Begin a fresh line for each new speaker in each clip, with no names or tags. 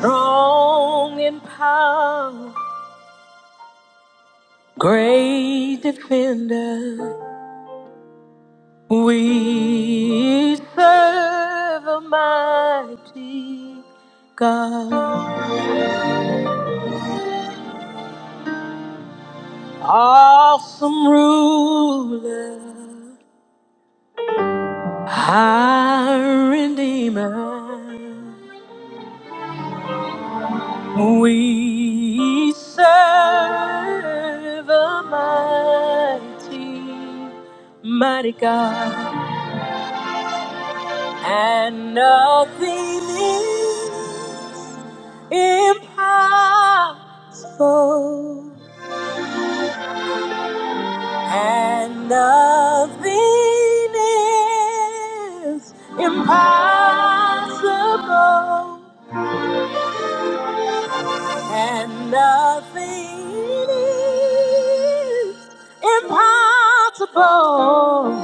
Strong in power, great defender, we serve a mighty God, awesome ruler, our redeemer. We serve a mighty, mighty God. and nothing is impossible, and nothing is impossible, and nothing is impossible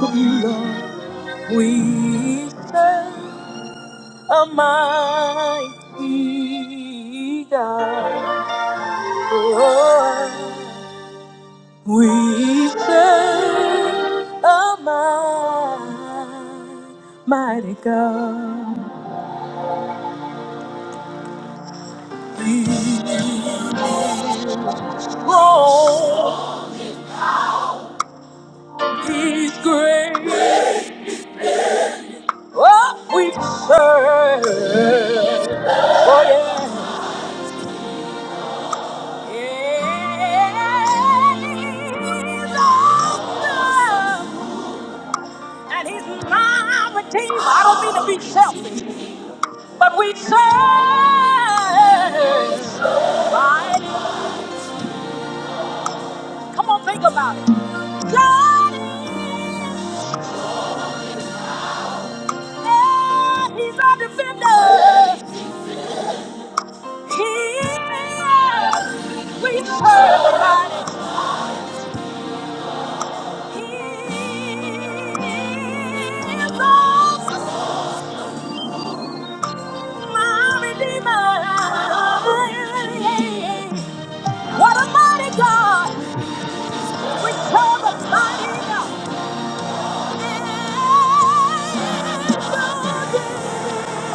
with you, Lord. We serve. Almighty God. Oh, we serve a mi- mighty God. He's strong, he's great. Oh, we serve. Oh, yeah. Yeah, he's awesome. And he's not a team. I don't mean to be selfish, but we serve. Right? Come on, think about it. God is, yeah, he's our defender. He is. We serve the mighty. He is my redeemer. What a mighty God. We call the mighty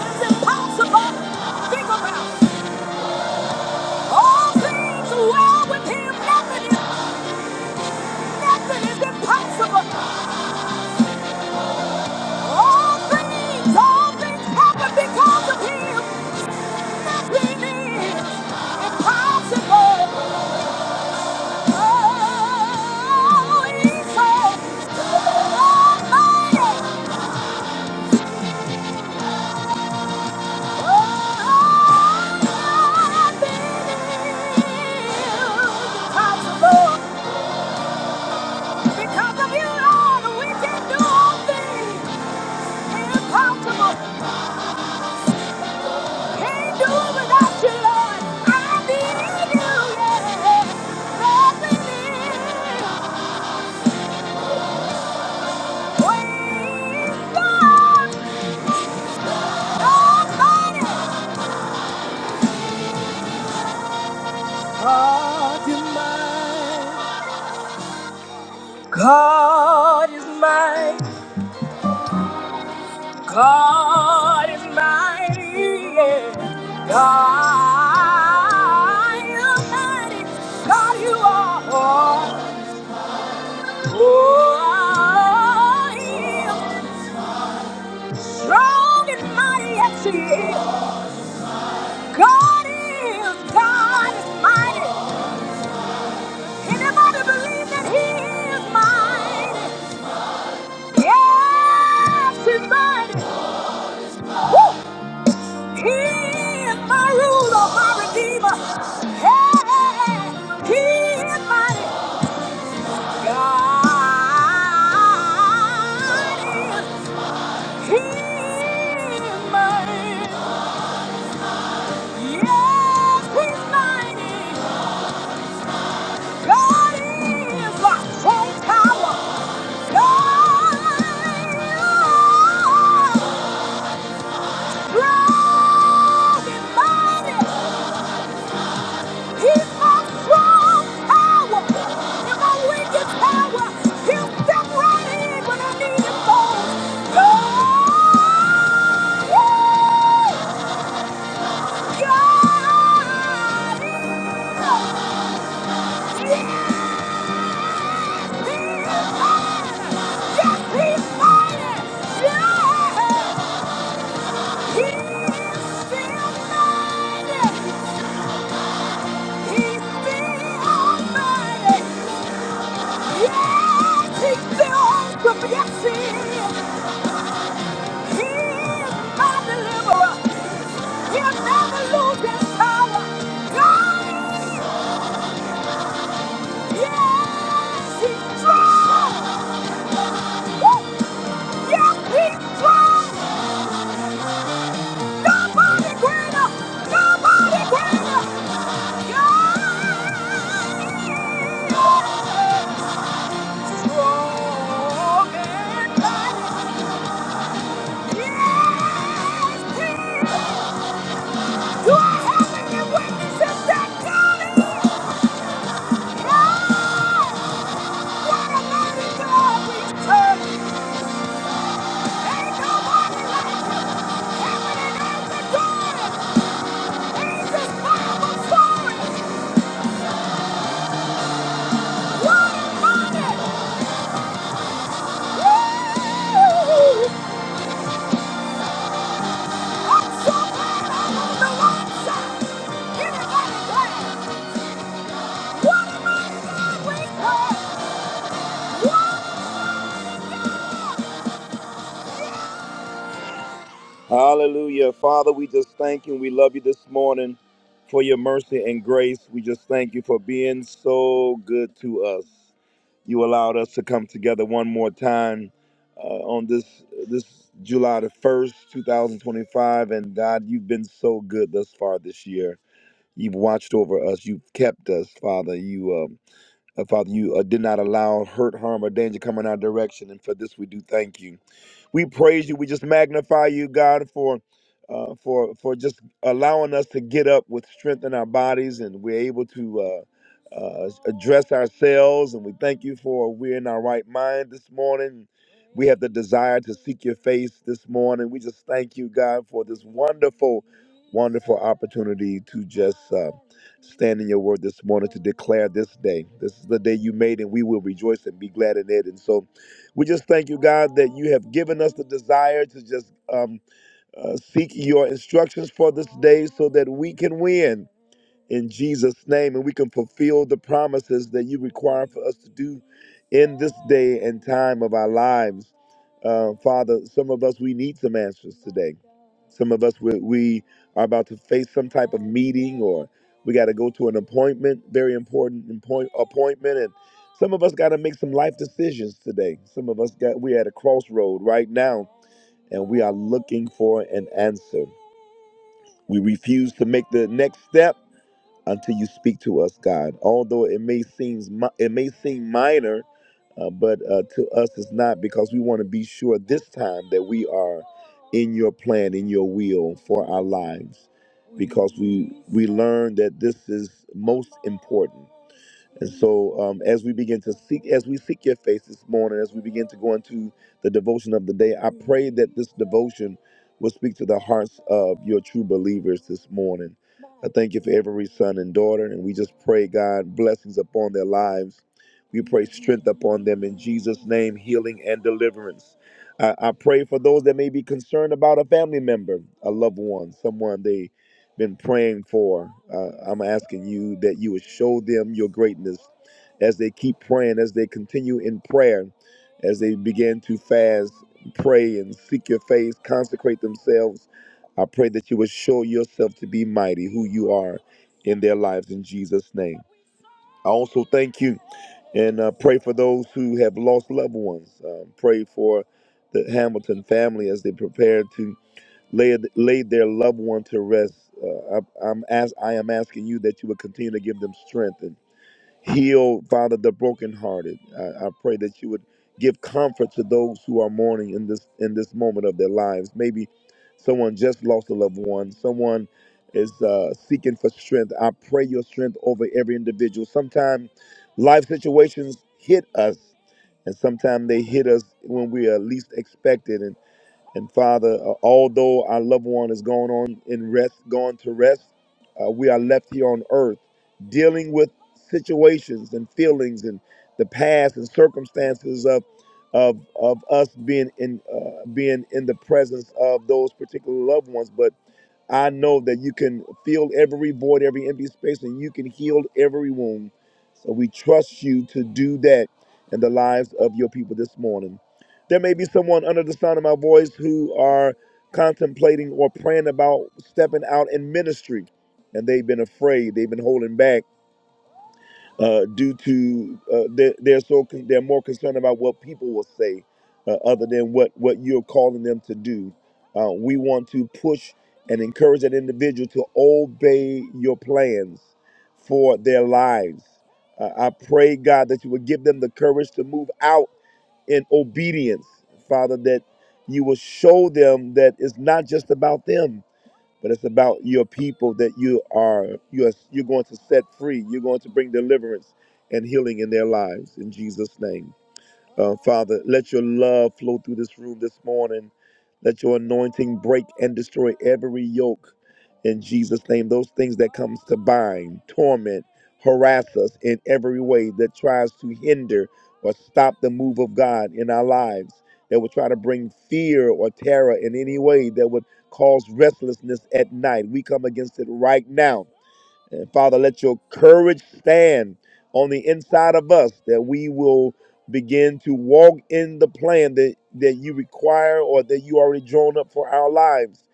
It's impossible. Think about all things well with Him. Nothing is nothing is impossible. All things, all things happen because of Him. Nothing is impossible. Oh, He's so almighty. God is mine. God is mine. God is mighty, yeah. God is mighty. God, you are. Oh, He strong and mighty, yes, He is. God is, God is mighty. Anybody believe that He is mighty? Yes, He's mighty. Woo! He is my ruler, my redeemer. Hey, he is my God. He is mine. Yes, he's mine. God is my strong tower. God is mighty. He's has got strong power. In my weakest power. he'll step right in when I need him most. Oh, God is- yes, he is mighty. Yes, he's mighty. Yes, he is still mighty. He's still mighty. Yes, he's still awesome. Yes, he is. He is my deliverer. He'll never lose his power. God is, yes, he's strong. Yes, he's strong. Nobody greater. Nobody greater. God is strong and mighty. Yes, he is. Do I have any witnesses that God is What a mighty God we serve! Ain't nobody like you. Heaven and earth adore him. Angels bow before What a mighty! Woo! I'm so glad I'm on the right side. Anybody glad? What a great God! Hallelujah. Father, we just thank you and we love you this morning for your mercy and grace. We just thank you for being so good to us. You allowed us to come together one more time uh, on this this July the 1st, 2025. And God, you've been so good thus far this year. You've watched over us. You've kept us, Father. You, um, uh, Father, you uh, did not allow hurt, harm, or danger come in our direction. And for this, we do thank you. We praise you. We just magnify you, God, for uh, for for just allowing us to get up with strength in our bodies, and we're able to uh, uh, address ourselves. And we thank you for we're in our right mind this morning. We have the desire to seek your face this morning. We just thank you, God, for this wonderful, wonderful opportunity to just uh, stand in your word this morning to declare this day. This is the day you made, and we will rejoice and be glad in it. And so we just thank you, God, that you have given us the desire to just um, uh, seek your instructions for this day so that we can win in Jesus' name, and we can fulfill the promises that you require for us to do in this day and time of our lives. Uh, Father, some of us, we need some answers today. Some of us, we, we are about to face some type of meeting or we got to go to an appointment, very important appoint- appointment. And some of us got to make some life decisions today. Some of us got, we're at a crossroad right now and we are looking for an answer. We refuse to make the next step until you speak to us, God. Although it may seem mi- it may seem minor, uh, but uh, to us it's not because we want to be sure this time that we are in your plan, in your will for our lives, because we we learn that this is most important. And so, um, as we begin to seek, as we seek your face this morning, as we begin to go into the devotion of the day, I pray that this devotion will speak to the hearts of your true believers this morning. I thank you for every son and daughter, and we just pray, God, blessings upon their lives. We pray strength upon them in Jesus' name, healing and deliverance. I, I pray for those that may be concerned about a family member, a loved one, someone they been praying for. Uh, I'm asking you that you would show them your greatness as they keep praying, as they continue in prayer, as they begin to fast, pray, and seek your face, consecrate themselves. I pray that you would show yourself to be mighty, who you are in their lives in Jesus' name. I also thank you and uh, pray for those who have lost loved ones. Um, pray for the Hamilton family as they prepare to laid, laid their loved one to rest. Uh, I, I'm as I am asking you that you would continue to give them strength and heal, Father, the brokenhearted. I, I pray that you would give comfort to those who are mourning in this in this moment of their lives. Maybe someone just lost a loved one. Someone is uh, seeking for strength. I pray your strength over every individual. Sometimes life situations hit us, and sometimes they hit us when we are least expected. And Father, uh, although our loved one is going on in rest, going to rest, uh, we are left here on earth dealing with situations and feelings and the past and circumstances of of of us being in uh, being in the presence of those particular loved ones. But I know that you can fill every void, every empty space, and you can heal every wound. So we trust you to do that in the lives of your people this morning. There may be someone under the sound of my voice who are contemplating or praying about stepping out in ministry, and they've been afraid, they've been holding back uh, due to uh, they're, they're so con- they're more concerned about what people will say uh, other than what what you're calling them to do. Uh, we want to push and encourage that individual to obey your plans for their lives. Uh, I pray God that you would give them the courage to move out in obedience, Father. That you will show them that it's not just about them but it's about your people that you are you are you're going to set free. You're going to bring deliverance and healing in their lives in Jesus' name. Uh, Father, let your love flow through this room this morning. Let your anointing break and destroy every yoke in Jesus' name. Those things that comes to bind, torment, harass us in every way that tries to hinder or stop the move of God in our lives, that would try to bring fear or terror in any way that would cause restlessness at night. We come against it right now and Father, let your courage stand on the inside of us that we will begin to walk in the plan that, that you require or that you already drawn up for our lives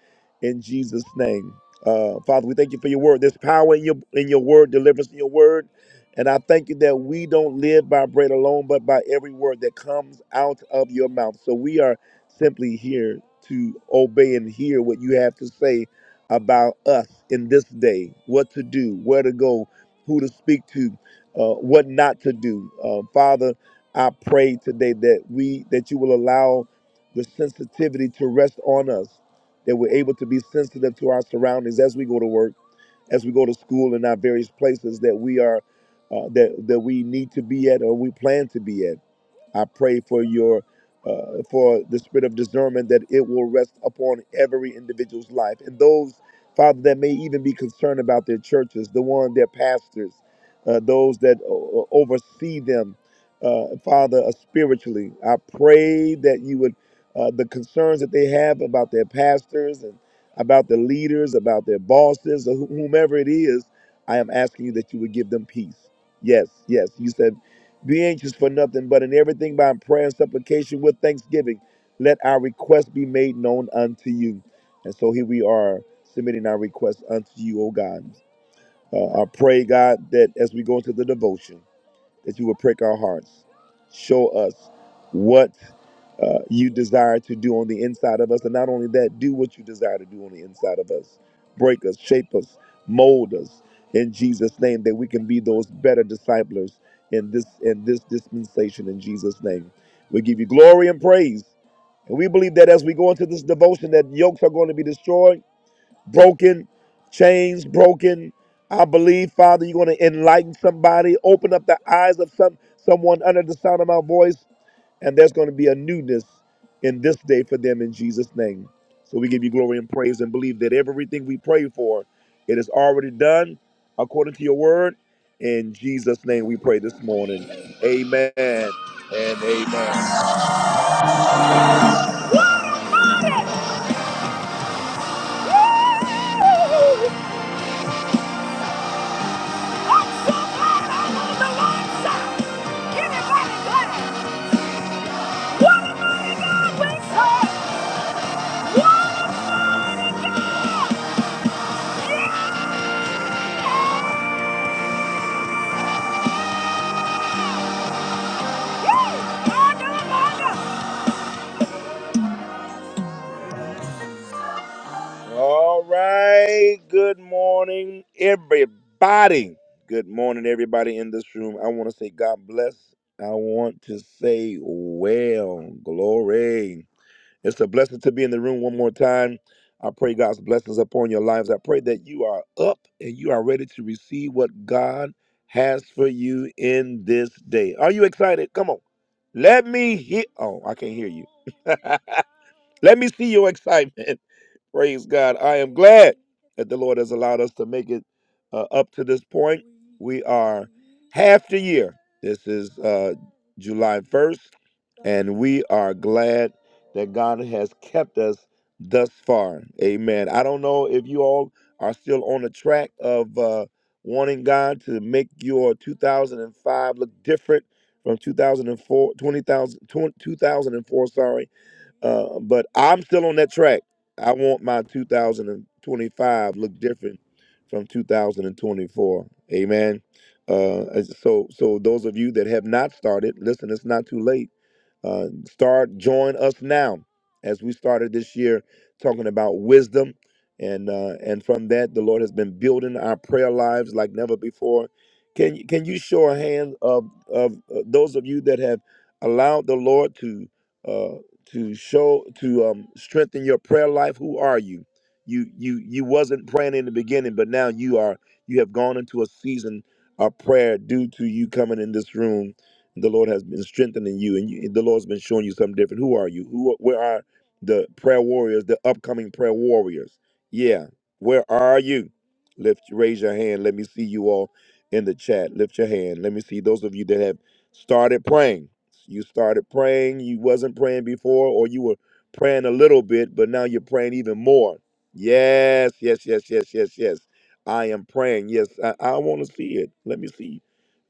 in Jesus' name. Uh, Father, we thank you for your word. There's power in your in your word, deliverance in your word. And I thank you that we don't live by bread alone, but by every word that comes out of your mouth. So we are simply here to obey and hear what you have to say about us us in this day what to do, where to go, who to speak to, uh, what not to do. Uh, Father, I pray today that we that you will allow the sensitivity to rest on us, that we're able to be sensitive to our surroundings as we go to work, as we go to school, in our various places that we are uh, that that we need to be at or we plan to be at. I pray for your uh, for the spirit of discernment that it will rest upon every individual's life and those Father that may even be concerned about their churches, the one their pastors, uh, those that o- o- oversee them, uh, Father uh, spiritually. I pray that you would uh, the concerns that they have about their pastors and about the leaders, about their bosses, or wh- whomever it is. I am asking you that you would give them peace. Yes, yes. You said be anxious for nothing, but in everything by prayer and supplication with thanksgiving, let our requests be made known unto you. And so here we are submitting our requests unto you, O God. Uh, I pray, God, that as we go into the devotion, that you will prick our hearts. Show us what uh, you desire to do on the inside of us. And not only that, do what you desire to do on the inside of us. Break us, shape us, mold us in Jesus' name that we can be those better disciples in this in this dispensation in Jesus' name. We give you glory and praise. And we believe that as we go into this devotion that yokes are going to be destroyed broken, chains broken. I believe, Father, you're going to enlighten somebody, open up the eyes of some someone under the sound of my voice, and there's going to be a newness in this day for them in Jesus' name. So we give you glory and praise and believe that everything we pray for, it is already done according to your word. In Jesus' name we pray this morning. Amen and amen. so All right. Good morning, everybody. Good morning, everybody in this room. I want to say God bless. I want to say well, glory. It's a blessing to be in the room one more time. I pray God's blessings upon your lives. I pray that you are up and you are ready to receive what God has for you in this day. Are you excited? Come on. Let me hear. Oh, I can't hear you. Let me see your excitement. Praise God. I am glad that the Lord has allowed us to make it uh, up to this point. We are half the year. This is uh, July 1st and we are glad that God has kept us thus far. Amen. I don't know if you all are still on the track of uh, wanting God to make your 2005 look different from 2004, sorry. Uh, but I'm still on that track. I want my 2025 look different from 2024. Amen. Uh, so, so those of you that have not started, listen, it's not too late uh, start, join us now as we started this year talking about wisdom. And, uh, and from that, the Lord has been building our prayer lives like never before. Can, you- can you show a hand of, of uh, those of you that have allowed the Lord to, uh, to show, to um, strengthen your prayer life? Who are you? You, you, you wasn't praying in the beginning, but now you are, you have gone into a season of prayer due to you coming in this room the Lord has been strengthening you, and you, the Lord's been showing you something different. Who are you? Who? Where are the prayer warriors? The upcoming prayer warriors? Yeah, where are you? Lift, raise your hand. Let me see you all in the chat. Lift your hand. Let me see those of you that have started praying. You started praying. You wasn't praying before, or you were praying a little bit, but now you're praying even more. Yes, yes, yes, yes, yes, yes. I am praying. Yes, I, I want to see it. Let me see you.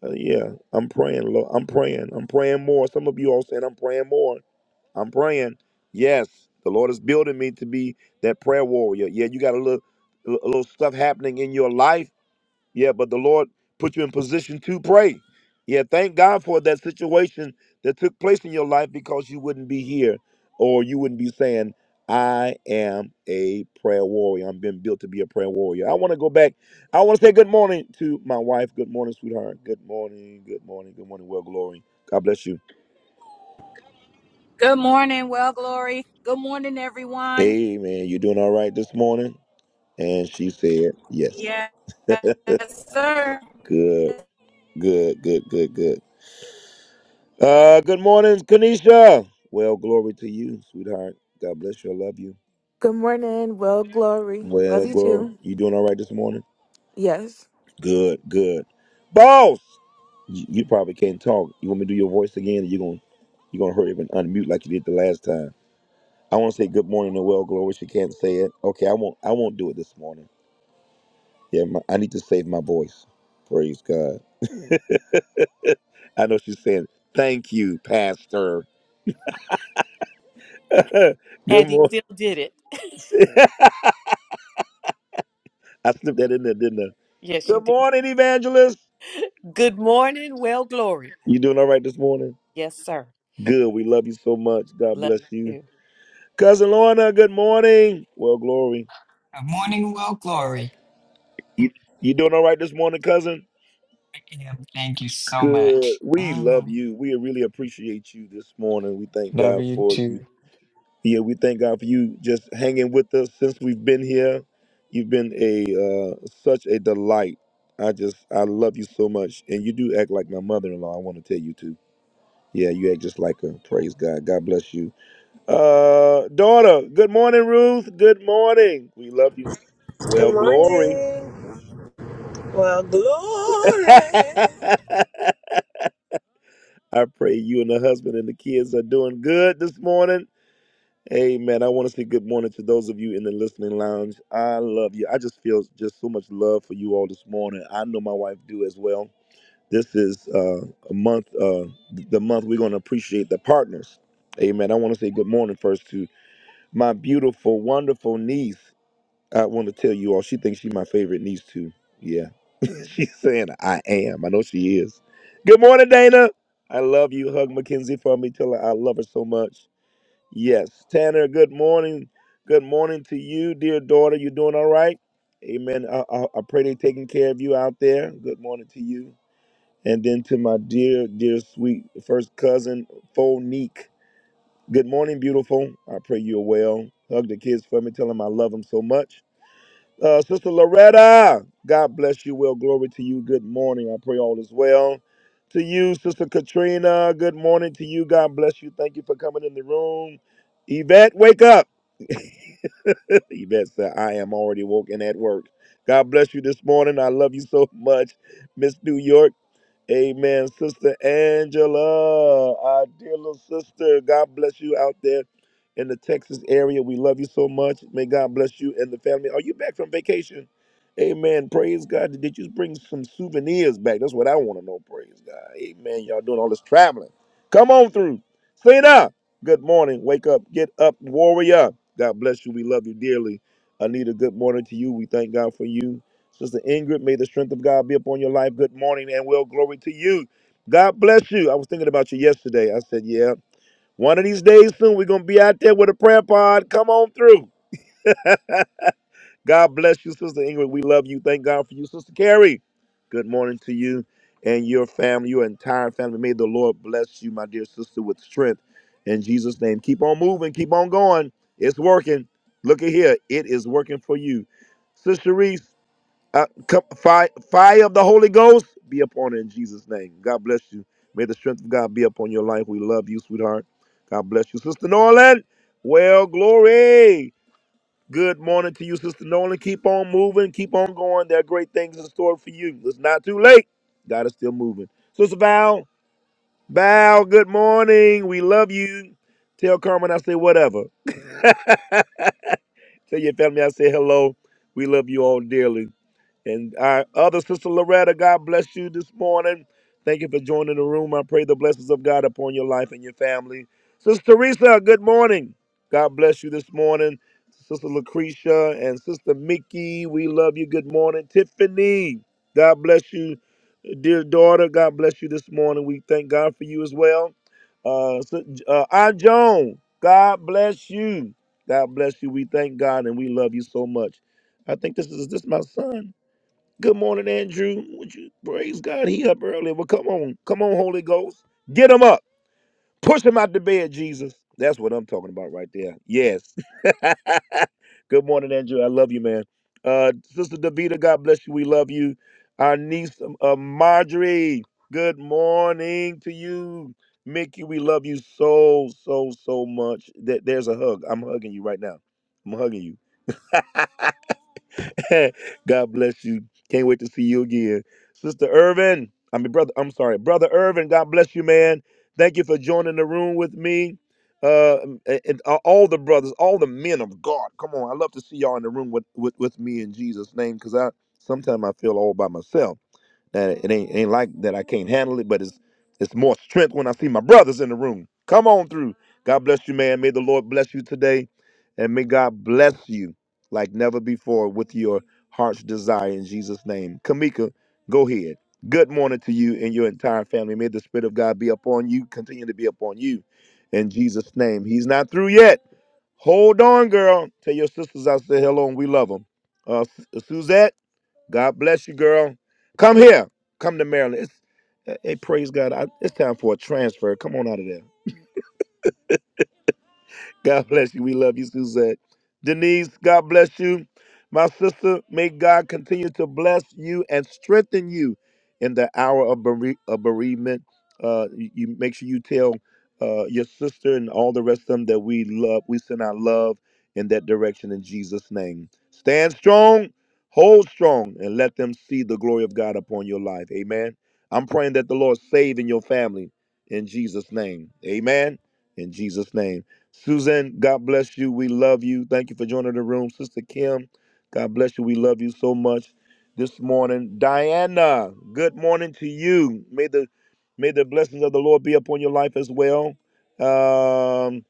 Uh, yeah, I'm praying. Lord. I'm praying. I'm praying more. Some of you all saying, I'm praying more. I'm praying. Yes, the Lord is building me to be that prayer warrior. Yeah, you got a little, a little stuff happening in your life yeah, but the Lord put you in position to pray. Yeah, thank God for that situation that took place in your life because you wouldn't be here or you wouldn't be saying, I am a prayer warrior. I'm being built to be a prayer warrior. I want to go back. I want to say good morning to my wife. Good morning, sweetheart. Good morning. Good morning. Good morning. Well, glory. God bless you.
Good morning, well glory. Good morning, everyone.
Amen. You doing all right this morning? And she said, yes.
Yes, sir.
Good, good, good, good, good. Uh, good morning, Kanisha. Well, glory to you, sweetheart. God bless you. I love you.
Good morning. Well, Glory. Love
Well,
you
girl,
too.
You doing all right this morning?
Yes.
Good, good. Boss, you, you probably can't talk. You want me to do your voice again? You're going to you're gonna hurry up and unmute like you did the last time. I want to say good morning to Well Glory. She can't say it. Okay, I won't. I won't do it this morning. Yeah, my, I need to save my voice. Praise God. I know she's saying thank you, Pastor. good
And he
morning.
still did it.
I slipped that in there, didn't I?
Yes, you
Good
did.
morning, Evangelist.
Good morning. Well, glory.
You doing all right this morning?
Yes, sir.
Good. We love you so much. God
Love
bless you.
you.
Cousin Lorna, good morning. Well, glory.
Good morning, Will Glory.
You, you doing all right this morning, cousin?
I am. Thank you so
Good.
much.
We love
Mm.
you. We really appreciate you this morning. We thank
Love
God
you
for
too.
you. Yeah, we thank God for you just hanging with us since we've been here. You've been a uh, such a delight. I just I love you so much, and you do act like my mother-in-law. I want to tell you too. Yeah, you act just like her. Praise God. God bless you. Uh, daughter, good morning, Ruth. Good morning. We love you.
Good
Well, glory.
morning. Well, glory.
I pray you and the husband and the kids are doing good this morning. Amen. I want to say good morning to those of you in the listening lounge. I love you. I just feel just so much love for you all this morning. I know my wife do as well. This is uh, a month, uh, the month we're going to appreciate the partners. Amen. I want to say good morning first to my beautiful, wonderful niece. I want to tell you all, she thinks she's my favorite niece too. Yeah. she's saying I am. I know she is. Good morning, Dana. I love you. Hug Mackenzie for me. Tell her I love her so much. Yes. Tanner, good morning. Good morning to you, dear daughter. You doing all right? Amen. I, I, I pray they're taking care of you out there. Good morning to you. And then to my dear, dear sweet first cousin, Fonique. Good morning, beautiful. I pray you're well. Hug the kids for me. Tell them I love them so much. Uh, Sister Loretta, God bless you. Well, glory to you. Good morning. I pray all is well. To you, Sister Katrina, good morning to you. God bless you. Thank you for coming in the room. Yvette, wake up. Yvette said, I am already woken at work. God bless you this morning. I love you so much, Miss New York. Amen. Sister Angela, our dear little sister, God bless you out there in the Texas area. We love you so much. May God bless you and the family. Are you back from vacation? Amen. Praise God. Did you bring some souvenirs back? That's what I want to know. Praise God. Amen. Y'all doing all this traveling. Come on through. Sit Good morning. Wake up. Get up, warrior. God bless you. We love you dearly. Anita, good morning to you. We thank God for you. Sister Ingrid, may the strength of God be upon your life. Good morning and well, glory to you. God bless you. I was thinking about you yesterday. I said, yeah, one of these days soon, we're going to be out there with a prayer pod. Come on through. God bless you, Sister Ingrid. We love you. Thank God for you, Sister Carrie. Good morning to you and your family, your entire family. May the Lord bless you, my dear sister, with strength in Jesus' name. Keep on moving. Keep on going. It's working. Look at here. It is working for you. Sister Reese, uh, come, fire, fire of the Holy Ghost be upon her in Jesus' name. God bless you. May the strength of God be upon your life. We love you, sweetheart. God bless you, Sister Norland. Well, glory. Good morning to you, Sister Nolan. Keep on moving. Keep on going. There are great things in store for you. It's not too late. God is still moving. Sister Val, Val, good morning. We love you. Tell Carmen I say whatever. Tell your family I say hello. We love you all dearly. And our other sister Loretta, God bless you this morning. Thank you for joining the room. I pray the blessings of God upon your life and your family. Sister Teresa, good morning. God bless you this morning. Sister Lucretia and Sister Mickey, we love you. Good morning. Tiffany, God bless you. Dear daughter, God bless you this morning. We thank God for you as well. Uh, so, uh, Aunt Joan, God bless you. God bless you. We thank God and we love you so much. I think this is, is this my son? Good morning, Andrew. Would you praise God? He up early. Well, come on, come on, Holy Ghost, get him up, push him out the bed, Jesus. That's what I'm talking about right there. Yes. Good morning, Andrew. I love you, man. Uh, Sister Davita, God bless you. We love you. Our niece, uh, Marjorie. Good morning to you, Mickey. We love you so, so, so much. That there's a hug. I'm hugging you right now. I'm hugging you. God bless you. Can't wait to see you again. Sister Irvin, I mean, brother, I'm sorry. Brother Irvin, God bless you, man. Thank you for joining the room with me. Uh, and and all the brothers, all the men of God. Come on, I love to see y'all in the room with, with, with me in Jesus' name because I sometimes I feel all by myself. That it ain't ain't like that I can't handle it, but it's it's more strength when I see my brothers in the room. Come on through. God bless you, man. May the Lord bless you today, and may God bless you like never before with your heart's desire in Jesus' name. Kamika, go ahead. Good morning to you and your entire family. May the Spirit of God be upon you, continue to be upon you in Jesus' name. He's not through yet. Hold on, girl. Tell your sisters I said hello and we love them. Uh, Suzette. God bless you, girl. Come here. Come to Maryland. It's, hey, praise God. I, it's time for a transfer. Come on out of there. God bless you. We love you, Suzette. Denise, God bless you. My sister, may God continue to bless you and strengthen you in the hour of, bere- of bereavement. Uh, you, you make sure you tell uh, your sister and all the rest of them that we love, we send our love in that direction in Jesus' name. Stand strong, hold strong, and let them see the glory of God upon your life. Amen. I'm praying that the Lord save in your family in Jesus' name. Amen. In Jesus' name. Suzanne, God bless you. We love you. Thank you for joining the room. Sister Kim, God bless you. We love you so much this morning. Diana, good morning to you. May the may the blessings of the Lord be upon your life as well. Um,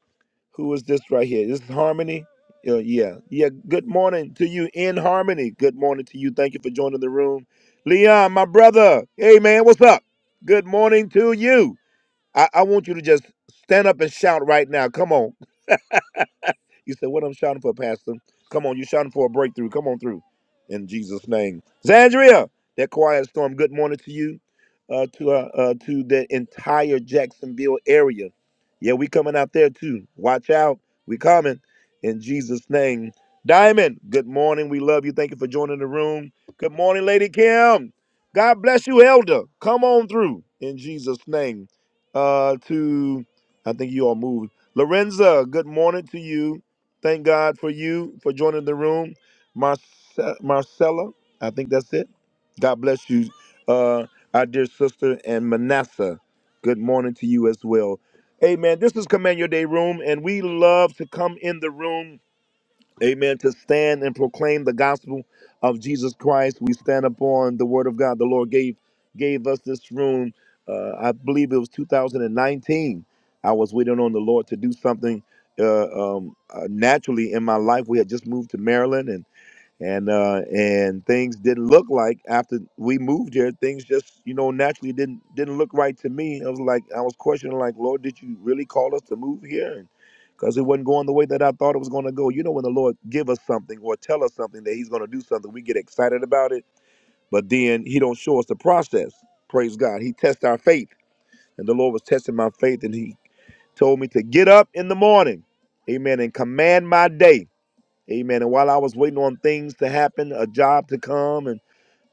who is this right here? This is Harmony. Yeah, yeah, yeah. Good morning to you in Harmony. Good morning to you. Thank you for joining the room. Leon, my brother. Hey man, what's up? Good morning to you. I, I want you to just stand up and shout right now. Come on. You said, What I'm shouting for, Pastor? Come on, you're shouting for a breakthrough. Come on through. In Jesus' name. Zandria, that quiet storm, good morning to you, uh, to, uh, uh, to the entire Jacksonville area. Yeah, we coming out there too. Watch out. We coming in Jesus' name. Diamond, good morning. We love you. Thank you for joining the room. Good morning, Lady Kim. God bless you, Elder. Come on through in Jesus' name. Uh, to I think you all moved. Lorenza, good morning to you. Thank God for you for joining the room, Marce- Marcella. I think that's it. God bless you, uh, our dear sister and Manasseh. Good morning to you as well. Amen. This is Command Your Day Room, and we love to come in the room Amen. To stand and proclaim the gospel of Jesus Christ, we stand upon the word of God. The Lord gave gave us this room. Uh, I believe it was 2019. I was waiting on the Lord to do something uh, um, uh, naturally in my life. We had just moved to Maryland, and uh and things didn't look like after we moved here things just you know naturally didn't didn't look right to me i was like i was questioning like lord did you really call us to move here because it wasn't going the way that i thought it was going to go you know when the lord give us something or tell us something that he's going to do something we get excited about it but then he don't show us the process praise god he tests our faith and the lord was testing my faith and he told me to get up in the morning amen and command my day Amen. And while I was waiting on things to happen, a job to come, and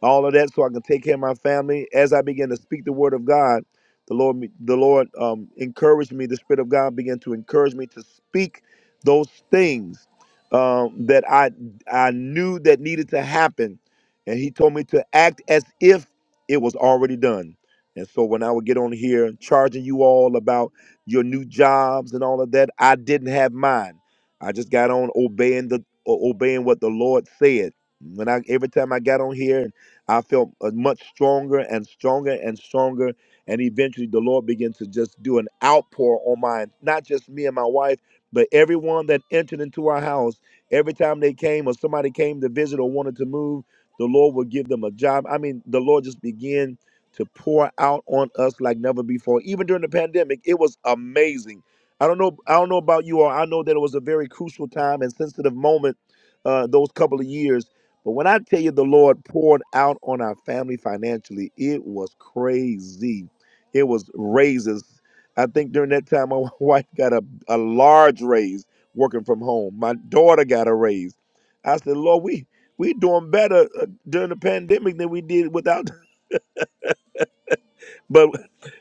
all of that so I can take care of my family. As I began to speak the word of God, the Lord, the Lord um, encouraged me. The Spirit of God began to encourage me to speak those things um, that I I knew that needed to happen, and He told me to act as if it was already done. And so when I would get on here charging you all about your new jobs and all of that, I didn't have mine. I just got on obeying the o- obeying what the Lord said. When I every time I got on here I felt uh, much stronger and stronger and stronger. And eventually, the Lord began to just do an outpour on mine, not just me and my wife, but everyone that entered into our house. Every time they came or somebody came to visit or wanted to move, the Lord would give them a job. I mean, the Lord just began to pour out on us like never before. Even during the pandemic, it was amazing. I don't know. I don't know about you all. I know that it was a very crucial time and sensitive moment uh, those couple of years but when I tell you the Lord poured out on our family financially, it was crazy. It was raises. I think during that time, my wife got a, a large raise working from home. My daughter got a raise. I said, Lord, we we doing better uh, during the pandemic than we did without but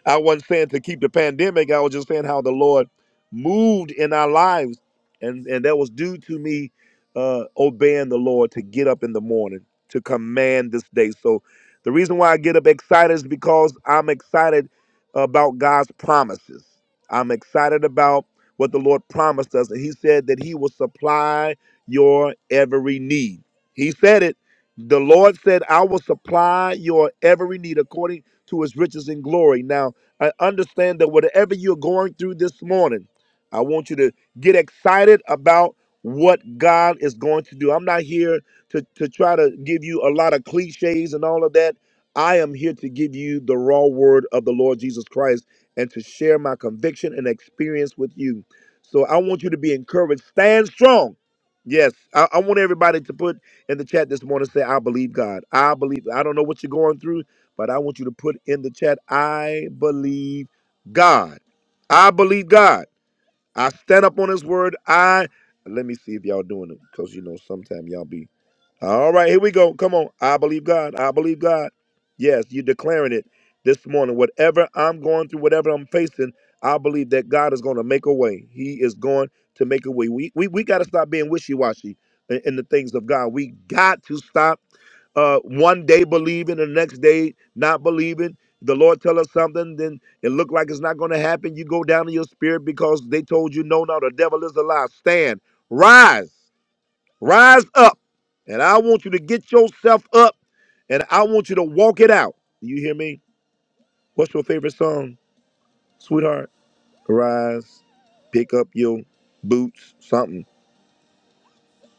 I wasn't saying to keep the pandemic. I was just saying how the Lord moved in our lives, and and that was due to me uh, obeying the Lord to get up in the morning to command this day. So the reason why I get up excited is because I'm excited about God's promises. I'm excited about what the Lord promised us, and He said that He will supply your every need. He said it. The Lord said, "I will supply your every need according." to his riches and glory. Now, I understand that whatever you're going through this morning, I want you to get excited about what God is going to do. I'm not here to, to try to give you a lot of cliches and all of that. I am here to give you the raw word of the Lord Jesus Christ and to share my conviction and experience with you. So I want you to be encouraged. Stand strong. Yes, I, I want everybody to put in the chat this morning say, I believe God. I believe. I don't know what you're going through but I want you to put in the chat, I believe God. I believe God. I stand up on his word. I let me see if y'all doing it. Because you know, sometimes y'all be all right, here we go. Come on. I believe God. I believe God. Yes, you're declaring it this morning. Whatever I'm going through, whatever I'm facing, I believe that God is going to make a way. He is going to make a way. We we, we got to stop being wishy-washy in, in the things of God. We got to stop uh, one day believing, the next day not believing. The Lord tell us something, then it look like it's not going to happen. You go down in your spirit because they told you, no, no, the devil is a lie. Stand, rise, rise up, and I want you to get yourself up, and I want you to walk it out. You hear me? What's your favorite song, sweetheart? Rise, pick up your boots, something.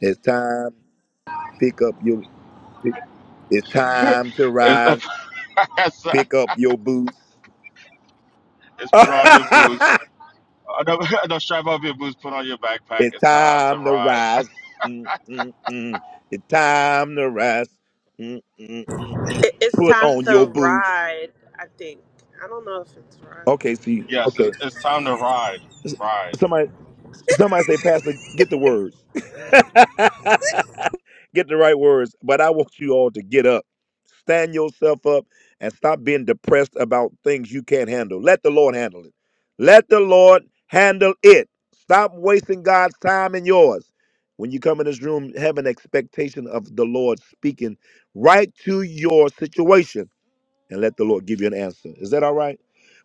It's time, pick up your. It's time to
It's,
rise.
it's
Pick up your boots.
it's put on your boots. Uh, No, no, strap up your boots, put on your backpack.
it's
It's time to
time to
ride.
rise. Mm, mm, mm. It's time to rise. Mm, mm, mm.
It- It's
Put
time
on your
to
boots.
ride, I think. I don't know if it's right.
Okay, see,
Yes, it's,
okay.
it's time to ride. Ride.
Somebody, somebody say, Pastor, get the words. get the right words, but I want you all to get up. Stand yourself up and stop being depressed about things you can't handle. Let the Lord handle it. Let the Lord handle it. Stop wasting God's time and yours. When you come in this room, have an expectation of the Lord speaking right to your situation and let the Lord give you an answer. Is that all right?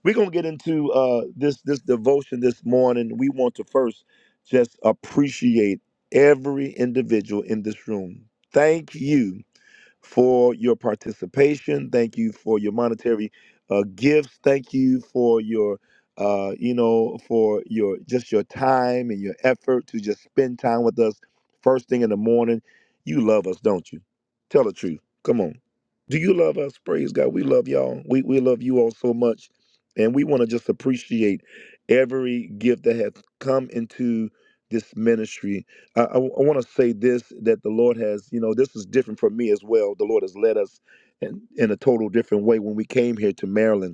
We're gonna get into uh, this this devotion this morning. We want to first just appreciate every individual in this room. Thank you for your participation. Thank you for your monetary uh, gifts. Thank you for your, uh, you know, for your just your time and your effort to just spend time with us first thing in the morning. You love us, don't you? Tell the truth. Come on. Do you love us? Praise God. We love y'all. We we love you all so much, and we want to just appreciate every gift that has come into this ministry I, I, I want to say this that the Lord has, you know, this is different for me as well. The Lord has led us in, in a total different way. When we came here to Maryland,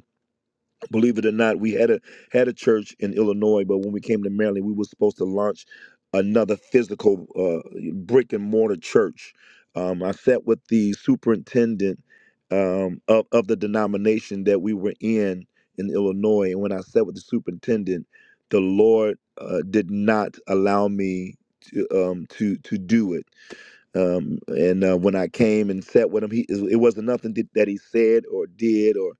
believe it or not, we had a had a church in Illinois, but when we came to Maryland, we were supposed to launch another physical uh, brick and mortar church. Um, I sat with the superintendent um, of of the denomination that we were in in Illinois, and when I sat with the superintendent, the Lord uh, did not allow me. To, um, to to do it, um, and uh, when I came and sat with him, he it wasn't nothing that that he said or did or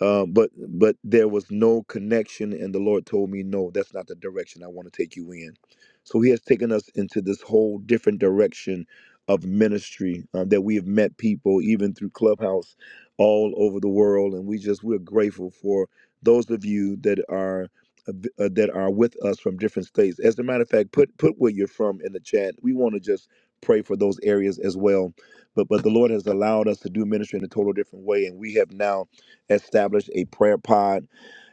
um, but but there was no connection and the lord told me no that's not the direction i want to take you in so he has taken us into this whole different direction of ministry um, that we have met people even through clubhouse all over the world and we just we're grateful for those of you that are uh, b- uh, that are with us from different states as a matter of fact put put where you're from in the chat we want to just pray for those areas as well but but the lord has allowed us to do ministry in a total different way and we have now established a prayer pod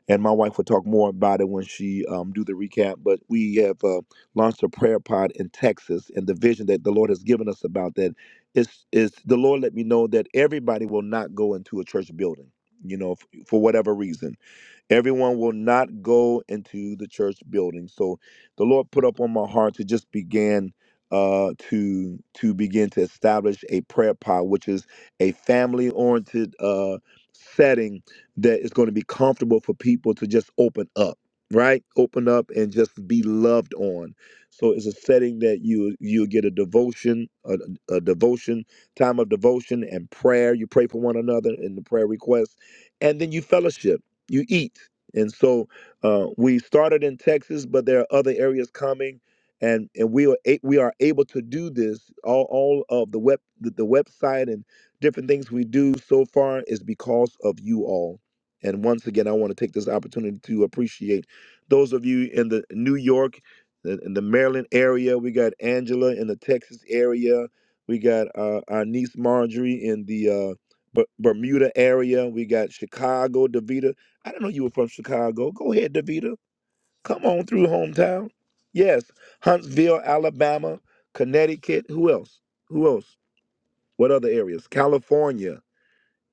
and my wife will talk more about it when she um, do the recap but we have uh, launched a prayer pod in texas and the vision that the lord has given us about that is is the lord let me know that everybody will not go into a church building you know f- for whatever reason Everyone will not go into the church building. So the Lord put up on my heart to just begin uh, to to begin to establish a prayer pod, which is a family oriented uh, setting that is going to be comfortable for people to just open up, right? Open up and just be loved on. So it's a setting that you you get a devotion, a, a devotion time of devotion and prayer. You pray for one another in the prayer request, and then you fellowship you eat. And so uh, we started in Texas, but there are other areas coming, and and we are a- we are able to do this. All all of the web the, the website and different things we do so far is because of you all. And once again, I want to take this opportunity to appreciate those of you in the New York, the, in the Maryland area. We got Angela in the Texas area. We got uh, our niece Marjorie in the uh, B- Bermuda area. We got Chicago, Davita. I didn't know you were from Chicago. Go ahead, Davita. Come on through hometown. Yes, Huntsville, Alabama, Connecticut. Who else? Who else? What other areas? California.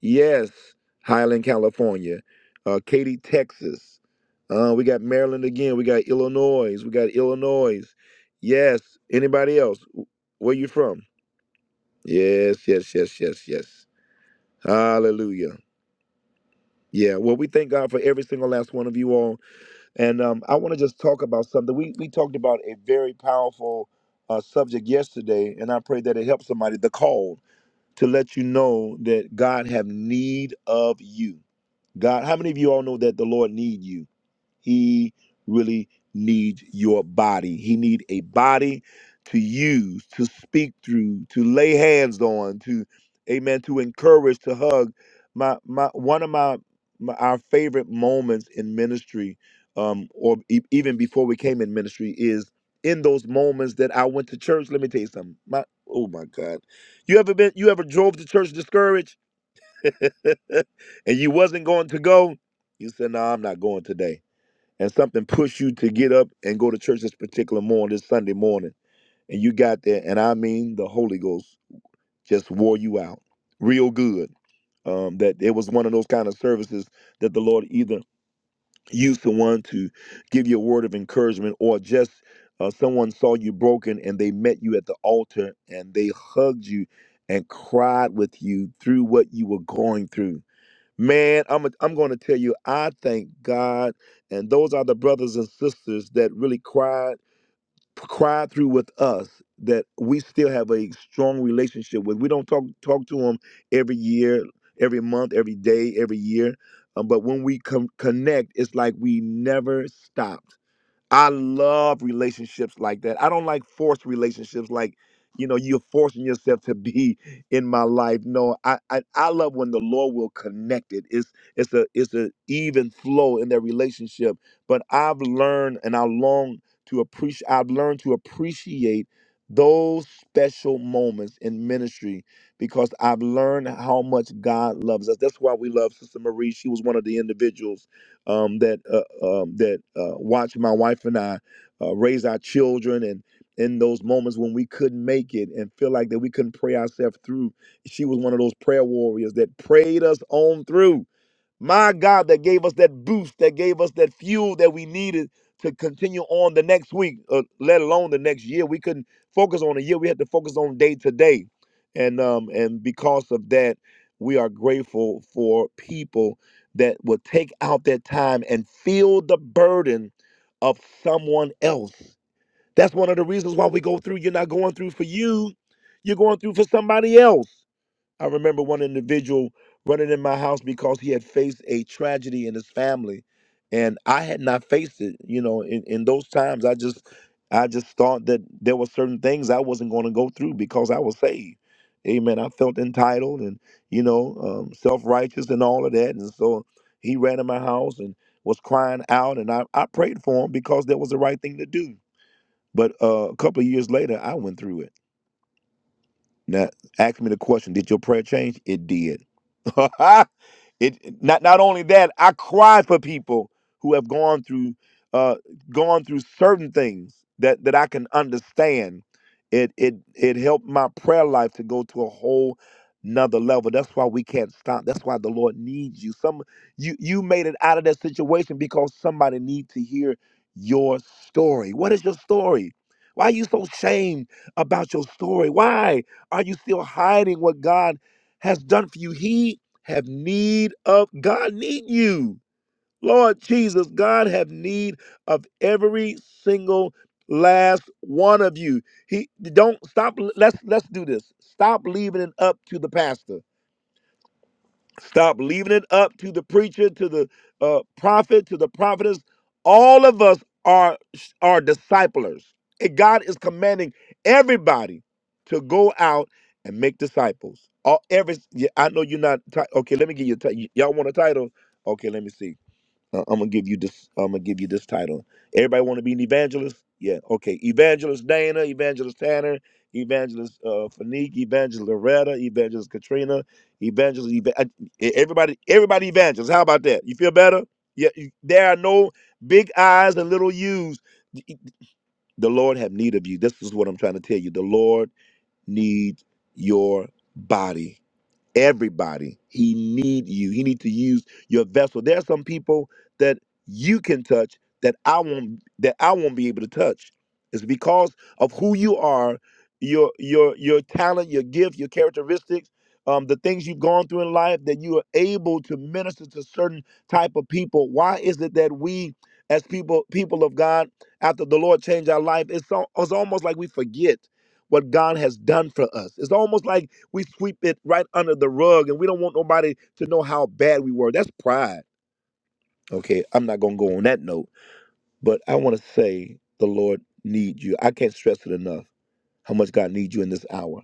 Yes, Highland, California. Uh, Katy, Texas. Uh, we got Maryland again. We got Illinois. We got Illinois. Yes. Anybody else? Where you from? Yes, yes, yes, yes, yes. Hallelujah. Yeah. Well, we thank God for every single last one of you all. And um, I want to just talk about something. We we talked about a very powerful uh, subject yesterday, and I pray that it helps somebody. The call to let you know that God have need of you. God, how many of you all know that the Lord need you? He really needs your body. He need a body to use, to speak through, to lay hands on, to amen, to encourage, to hug. My my one of my, my our favorite moments in ministry, um, or e- even before we came in ministry, is in those moments that I went to church. Let me tell you something. My oh my God, you ever been? You ever drove to church discouraged, and you wasn't going to go? You said, "No, I'm not going today." and something pushed you to get up and go to church this particular morning, this Sunday morning, and you got there, and I mean, the Holy Ghost just wore you out real good. Um, that it was one of those kind of services that the Lord either used someone to give you a word of encouragement, or just uh, someone saw you broken and they met you at the altar and they hugged you and cried with you through what you were going through Man, I'm i am i am going to tell you, I thank God, and those are the brothers and sisters that really cried cried through with us that we still have a strong relationship with. We don't talk talk to them every year, every month, every day, every year, um, but when we com- connect, it's like we never stopped. I love relationships like that. I don't like forced relationships like, you know, you're forcing yourself to be in my life. No, I I, I love when the Lord will connect it. It's it's a it's a even flow in their relationship. But I've learned and I long to appreciate I've learned to appreciate those special moments in ministry because I've learned how much God loves us. That's why we love Sister Marie. She was one of the individuals um, that uh, um, that uh, watched my wife and I uh, raise our children and in those moments when we couldn't make it and feel like that we couldn't pray ourselves through she was one of those prayer warriors that prayed us on through my God, that gave us that boost, that gave us that fuel that we needed to continue on the next week, uh, let alone the next year. We couldn't focus on a year. We had to focus on day to day. And um, and because of that, we are grateful for people that will take out their time and feel the burden of someone else. That's one of the reasons why we go through. You're not going through for you. You're going through for somebody else. I remember one individual running in my house because he had faced a tragedy in his family, and I had not faced it. You know, in, in those times, I just, I just thought that there were certain things I wasn't going to go through because I was saved. Amen. I felt entitled and you know um, self righteous and all of that, and so he ran in my house and was crying out, and I, I prayed for him because that was the right thing to do. But uh, a couple of years later, I went through it. Now, ask me the question, did your prayer change? It did. It not not only that, I cry for people who have gone through uh gone through certain things that that I can understand. It it it helped my prayer life to go to a whole another level. That's why we can't stop. That's why the Lord needs you. Some you you made it out of that situation because somebody needs to hear your story. What is your story? Why are you so ashamed about your story? Why are you still hiding what God has done for you? He have need of God need you. Lord Jesus, God have need of every single last one of you. He don't stop let's let's do this. Stop leaving it up to the pastor. Stop leaving it up to the preacher, to the uh, prophet, to the prophetess. All of us are are disciplers. And God is commanding everybody to go out and make disciples. All every yeah, I know you're not. ti- okay, let me give you. A ti- y'all want a title? Okay, let me see. Uh, I'm gonna give you this. I'm gonna give you this title. Everybody want to be an evangelist? Yeah. Okay. Evangelist Dana, Evangelist Tanner, Evangelist uh, Fanique, Evangelist Loretta, Evangelist Katrina, Evangelist. Eva- I- e- everybody, everybody evangelist. How about that? You feel better? Yeah. you- There are no big I's and little U's. The Lord have need of you. This is what I'm trying to tell you. The Lord needs your body everybody. He need you. He need to use your vessel. There are some people that you can touch that I won't that I won't be able to touch. It's because of who you are, your your your talent, your gift, your characteristics, um, the things you've gone through in life that you are able to minister to certain type of people. Why is it that we as people people of God, after the Lord changed our life, it's, al- it's almost like we forget what God has done for us. It's almost like we sweep it right under the rug and we don't want nobody to know how bad we were. That's pride. Okay, I'm not going to go on that note, but I want to say the Lord needs you. I can't stress it enough how much God needs you in this hour.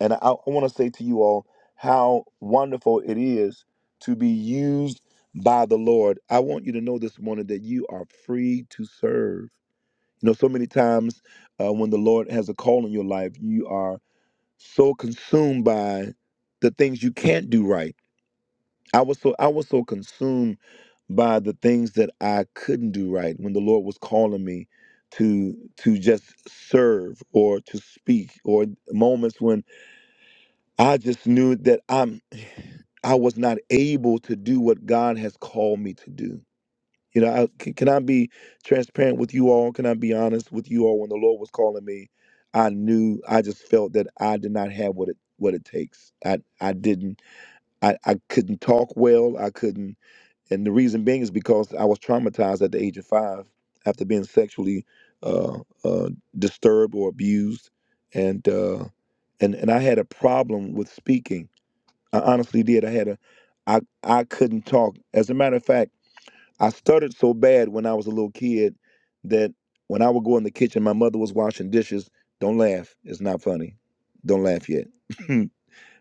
And I, I want to say to you all how wonderful it is to be used by the Lord. I want you to know this morning that you are free to serve. You know, so many times uh, when the Lord has a call in your life, you are so consumed by the things you can't do right. I was so I was so consumed by the things that I couldn't do right when the Lord was calling me to to just serve or to speak or moments when I just knew that I'm I was not able to do what God has called me to do. You know, I, can, can I be transparent with you all? Can I be honest with you all? When the Lord was calling me, I knew I just felt that I did not have what it what it takes. I I didn't. I I couldn't talk well. I couldn't, and the reason being is because I was traumatized at the age of five after being sexually uh, uh, disturbed or abused, and uh, and and I had a problem with speaking. I honestly did. I had a I I couldn't talk. As a matter of fact. I stuttered so bad when I was a little kid that when I would go in the kitchen, my mother was washing dishes. Don't laugh. It's not funny. Don't laugh yet. my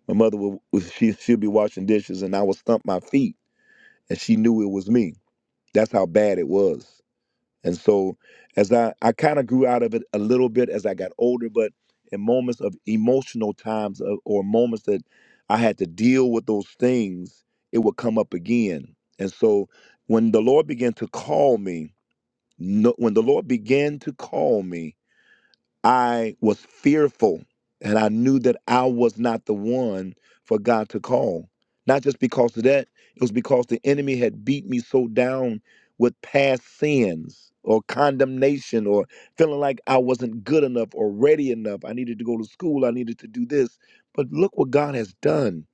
mother would would- she she'd be washing dishes and I would stump my feet and she knew it was me. That's how bad it was. And so as I, I kind of grew out of it a little bit as I got older, but in moments of emotional times or, or moments that I had to deal with those things, it would come up again. And so when the Lord began to call me, no, when the Lord began to call me, I was fearful and I knew that I was not the one for God to call. Not just because of that, it was because the enemy had beat me so down with past sins or condemnation or feeling like I wasn't good enough or ready enough. I needed to go to school, I needed to do this. But look what God has done.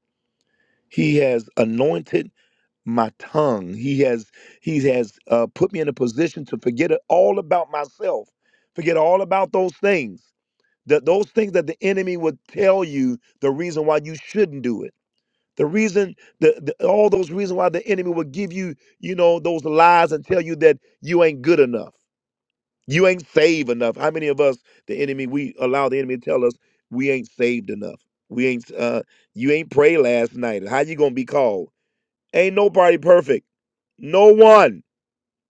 He has anointed my tongue. He has he has uh, put me in a position to forget it- all about myself, forget all about those things. That those things that the enemy would tell you the reason why you shouldn't do it. The reason the, the all those reasons why the enemy would give you, you know, those lies and tell you that you ain't good enough. You ain't saved enough. How many of us the enemy we allow the enemy to tell us we ain't saved enough. We ain't uh you ain't prayed last night. How you going to be called? Ain't nobody perfect. No one.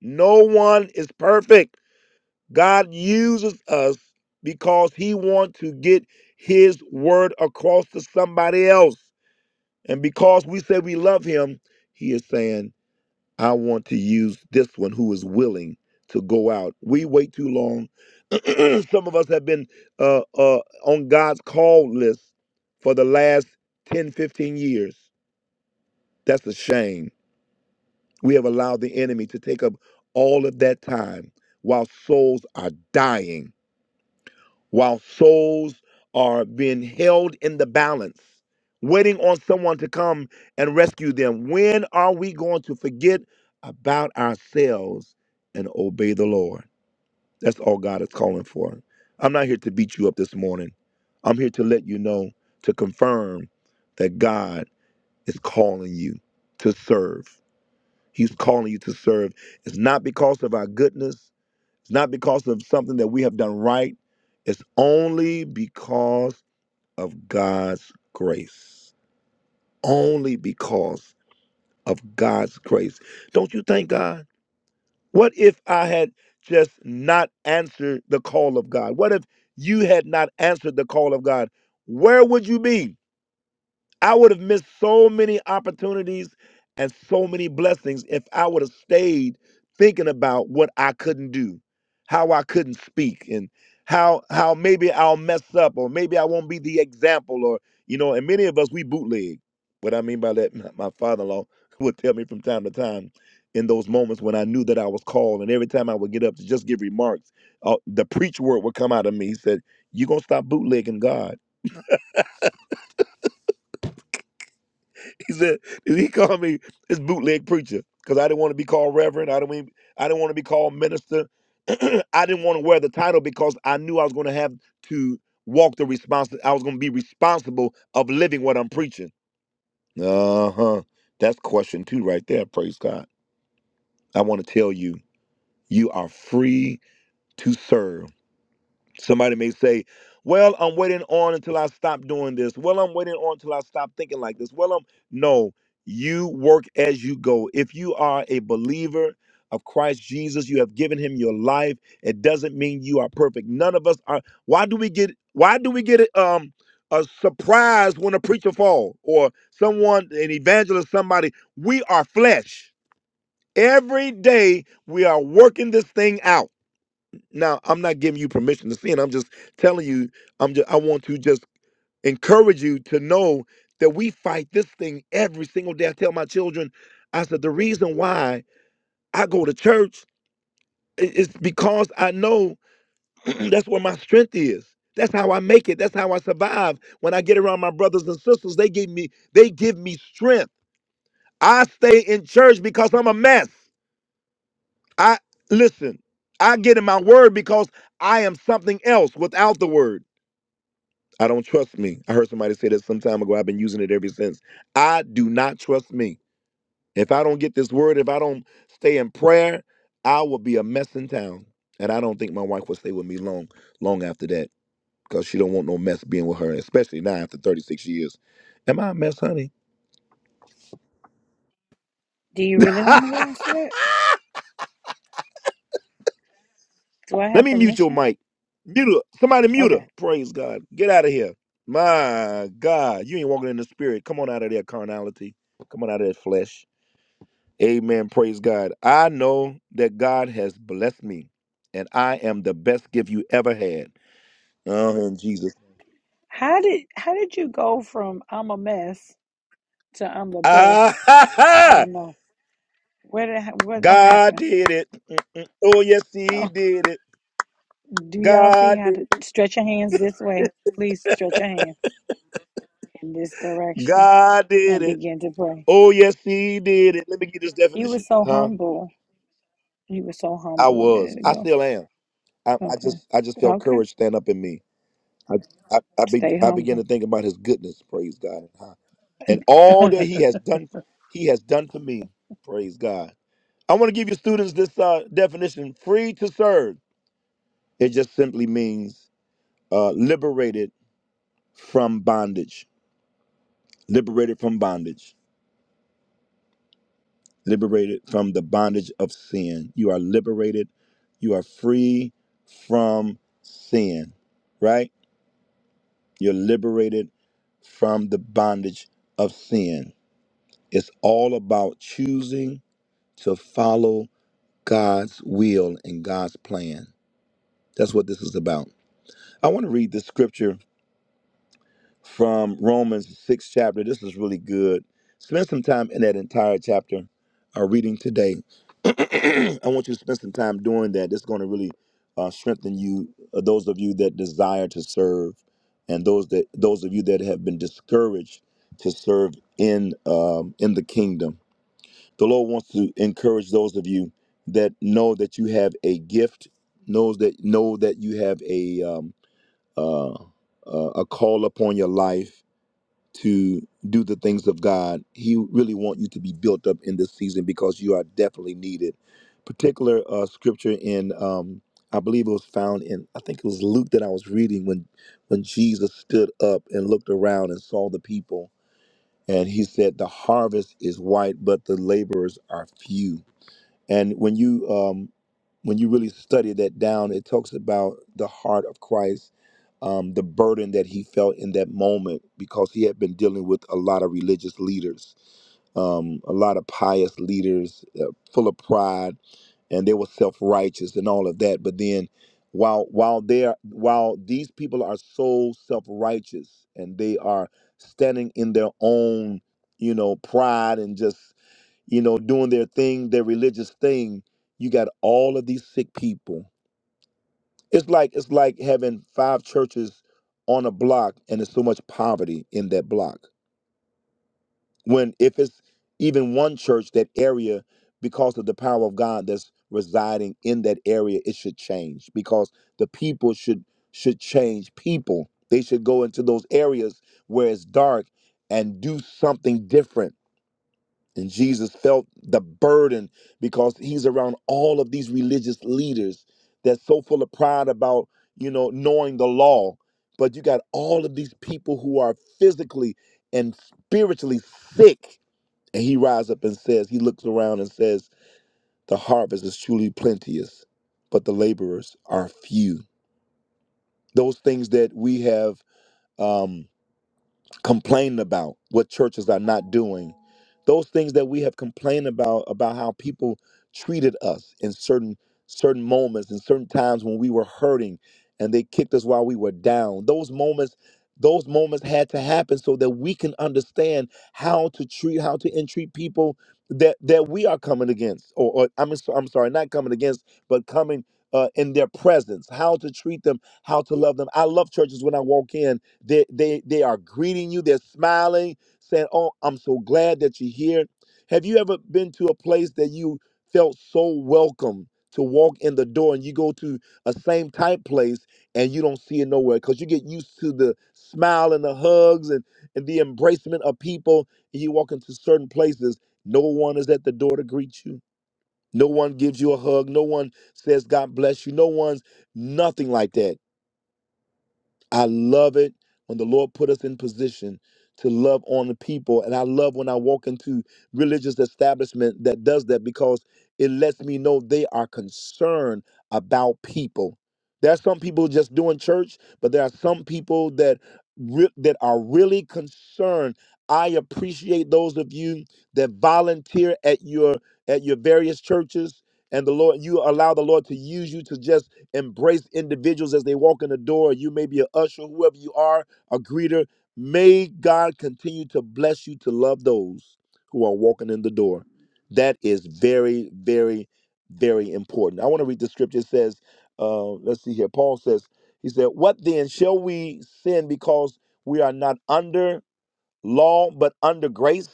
No one is perfect. God uses us because he wants to get his word across to somebody else. And because we say we love him, he is saying, I want to use this one who is willing to go out. We wait too long. Some of us have been uh, uh, on God's call list for the last 10, 15 years. That's a shame We have allowed the enemy to take up all of that time while souls are dying, while souls are being held in the balance, waiting on someone to come and rescue them. When are we going to forget about ourselves and obey the Lord? That's all God is calling for. I'm not here to beat you up this morning. I'm here to let you know, to confirm that God is calling you to serve. He's calling you to serve. It's not because of our goodness, it's not because of something that we have done right. It's only because of God's grace. Only because of God's grace. Don't you thank God? What if I had just not answered the call of God? What if you had not answered the call of God? Where would you be? I would have missed so many opportunities and so many blessings if I would have stayed thinking about what I couldn't do, how I couldn't speak, and how how maybe I'll mess up or maybe I won't be the example or you know, and many of us we bootleg. What I mean by that, my father-in-law would tell me from time to time in those moments when I knew that I was called, and every time I would get up to just give remarks, uh, the preach word would come out of me. He said, "You're gonna stop bootlegging God." He said he called me this bootleg preacher because I didn't want to be called reverend. I don't mean I didn't want to be called minister. I didn't want to wear the title because I knew I was going to have to walk the respons. I was going to be responsible of living what I'm preaching. Uh huh. That's question two right there. Praise God. I want to tell you, you are free to serve. Somebody may say, Well, I'm waiting on until I stop doing this. Well, I'm waiting on until I stop thinking like this. Well, I'm no, you work as you go. If you are a believer of Christ Jesus, you have given him your life. It doesn't mean you are perfect. None of us are. Why do we get why do we get um a surprise when a preacher fall or someone, an evangelist, somebody? We are flesh. Every day we are working this thing out. Now, I'm not giving you permission to sin. I'm just telling you, I'm just I want to just encourage you to know that we fight this thing every single day. I tell my children, I said, the reason why I go to church i- is because I know that's where my strength is. That's how I make it. That's how I survive. When I get around my brothers and sisters, they give me they give me strength. I stay in church because I'm a mess. I listen. I get in my word because I am something else without the word. I don't trust me. I heard somebody say that some time ago. I've been using it ever since. I do not trust me. If I don't get this word, if I don't stay in prayer, I will be a mess in town. And I don't think my wife will stay with me long, long after that, because she don't want no mess being with her, especially now after 36 years. Am I a mess, honey?
Do you really want me to answer that? Do I
Let
have
me mute your
permission?
mic. Mute her. Somebody mute her.
Okay.
Praise God. Get out of here. My God. You ain't walking in the spirit. Come on out of that carnality. Come on out of that flesh. Amen. Praise God. I know that God has blessed me, and I am the best gift you ever had. Oh, in Jesus.
How did how did you go from I'm a mess to I'm the
Ah,
best?
ha,
I
ha!
don't know. Where did it- what
God
happened?
did it. Mm-mm. Oh, yes, He
Oh,
did it.
do y'all see
God
how
did
to stretch your hands this way? Please stretch your hands in this
it.
direction
God did
and
it.
begin to pray.
Oh, yes, He did it. Let me get this
You were
definition.
so
Huh?
humble. You were so
I
humble a
was.
minute
I
ago.
still am. I, I
Okay.
just, I just felt
Okay.
courage stand up in me. I, I, I, be,
Stay
I began to
humble.
think about His goodness. Praise God. Huh? and all that he has done he has done for me praise god i want to give you students this uh, definition free to serve it just simply means uh, liberated from bondage liberated from bondage liberated from the bondage of sin you are liberated you are free from sin right you're liberated from the bondage of sin it's all about choosing to follow God's will and God's plan. That's what this is about. I want to read this scripture from Romans 6 chapter. This is really good. Spend some time in that entire chapter uh, reading today. I want you to spend some time doing that. It's going to really uh, strengthen you, uh, those of you that desire to serve, and those that those of you that have been discouraged to serve in um, in the kingdom. The Lord wants to encourage those of you that know that you have a gift, knows that know that you have a um, uh, uh, a call upon your life to do the things of God. He really want you to be built up in this season because you are definitely needed. Particular uh, scripture in um, I believe it was found in I think it was Luke that I was reading when when Jesus stood up and looked around and saw the people and he said the harvest is white but the laborers are few and when you um, when you really study that down, it talks about the heart of Christ, um, the burden that he felt in that moment because he had been dealing with a lot of religious leaders, um, a lot of pious leaders, uh, full of pride, and they were self righteous and all of that. But then, while while they are while these people are so self righteous and they are standing in their own, you know, pride and just you know, doing their thing, their religious thing. You got all of these sick people. It's like it's like having five churches on a block and there's so much poverty in that block. When if it's even one church, that area, because of the power of God that's residing in that area, it should change because the people should should change people. They should go into those areas where it's dark and do something different And Jesus felt the burden because he's around all of these religious leaders that's so full of pride about, you know, knowing the law. But you got all of these people who are physically and spiritually sick. And he rises up and says, he looks around and says, the harvest is truly plenteous, but the laborers are few. Those things that we have um, complained about what churches are not doing those things that we have complained about about how people treated us in certain certain moments in certain times when we were hurting and they kicked us while we were down those moments those moments had to happen so that we can understand how to treat how to entreat people that that we are coming against or, or I'm, so- I'm sorry not coming against but coming uh, in their presence how to treat them how to love them i love churches when i walk in they, they, they are greeting you, they're smiling, saying, Oh, I'm so glad that you're here. Have you ever been to a place that you felt so welcome to walk in the door and you go to a same type place and you don't see it nowhere because you get used to the smile and the hugs and, and the embracement of people and you walk into certain places no one is at the door to greet you no one gives you a hug no one says god bless you no one's nothing like that I love it when the Lord put us in position to love on the people. And I love when I walk into religious establishment that does that because it lets me know they are concerned about people. There are some people just doing church, but there are some people that re- that are really concerned. I appreciate those of you that volunteer at your at your various churches and the Lord you allow the Lord to use you to just embrace individuals as they walk in the door. You may be a usher, whoever you are, a greeter. May God continue to bless you to love those who are walking in the door. That is very, very, very important. I want to read the scripture. It says, uh, let's see here. Paul says, he said, What then? Shall we sin because we are not under law, but under grace?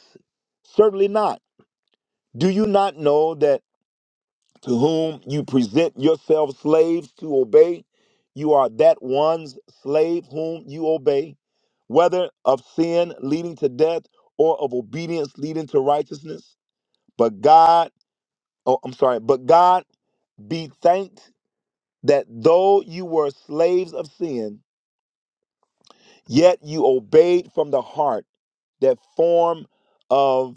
Certainly not. Do you not know that? to whom you present yourselves slaves to obey, you are that one's slave whom you obey, whether of sin leading to death or of obedience leading to righteousness. But God, oh, I'm sorry, but God be thanked that though you were slaves of sin, yet you obeyed from the heart that form of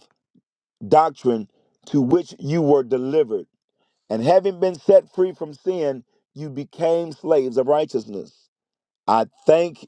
doctrine to which you were delivered And having been set free from sin, you became slaves of righteousness. I thank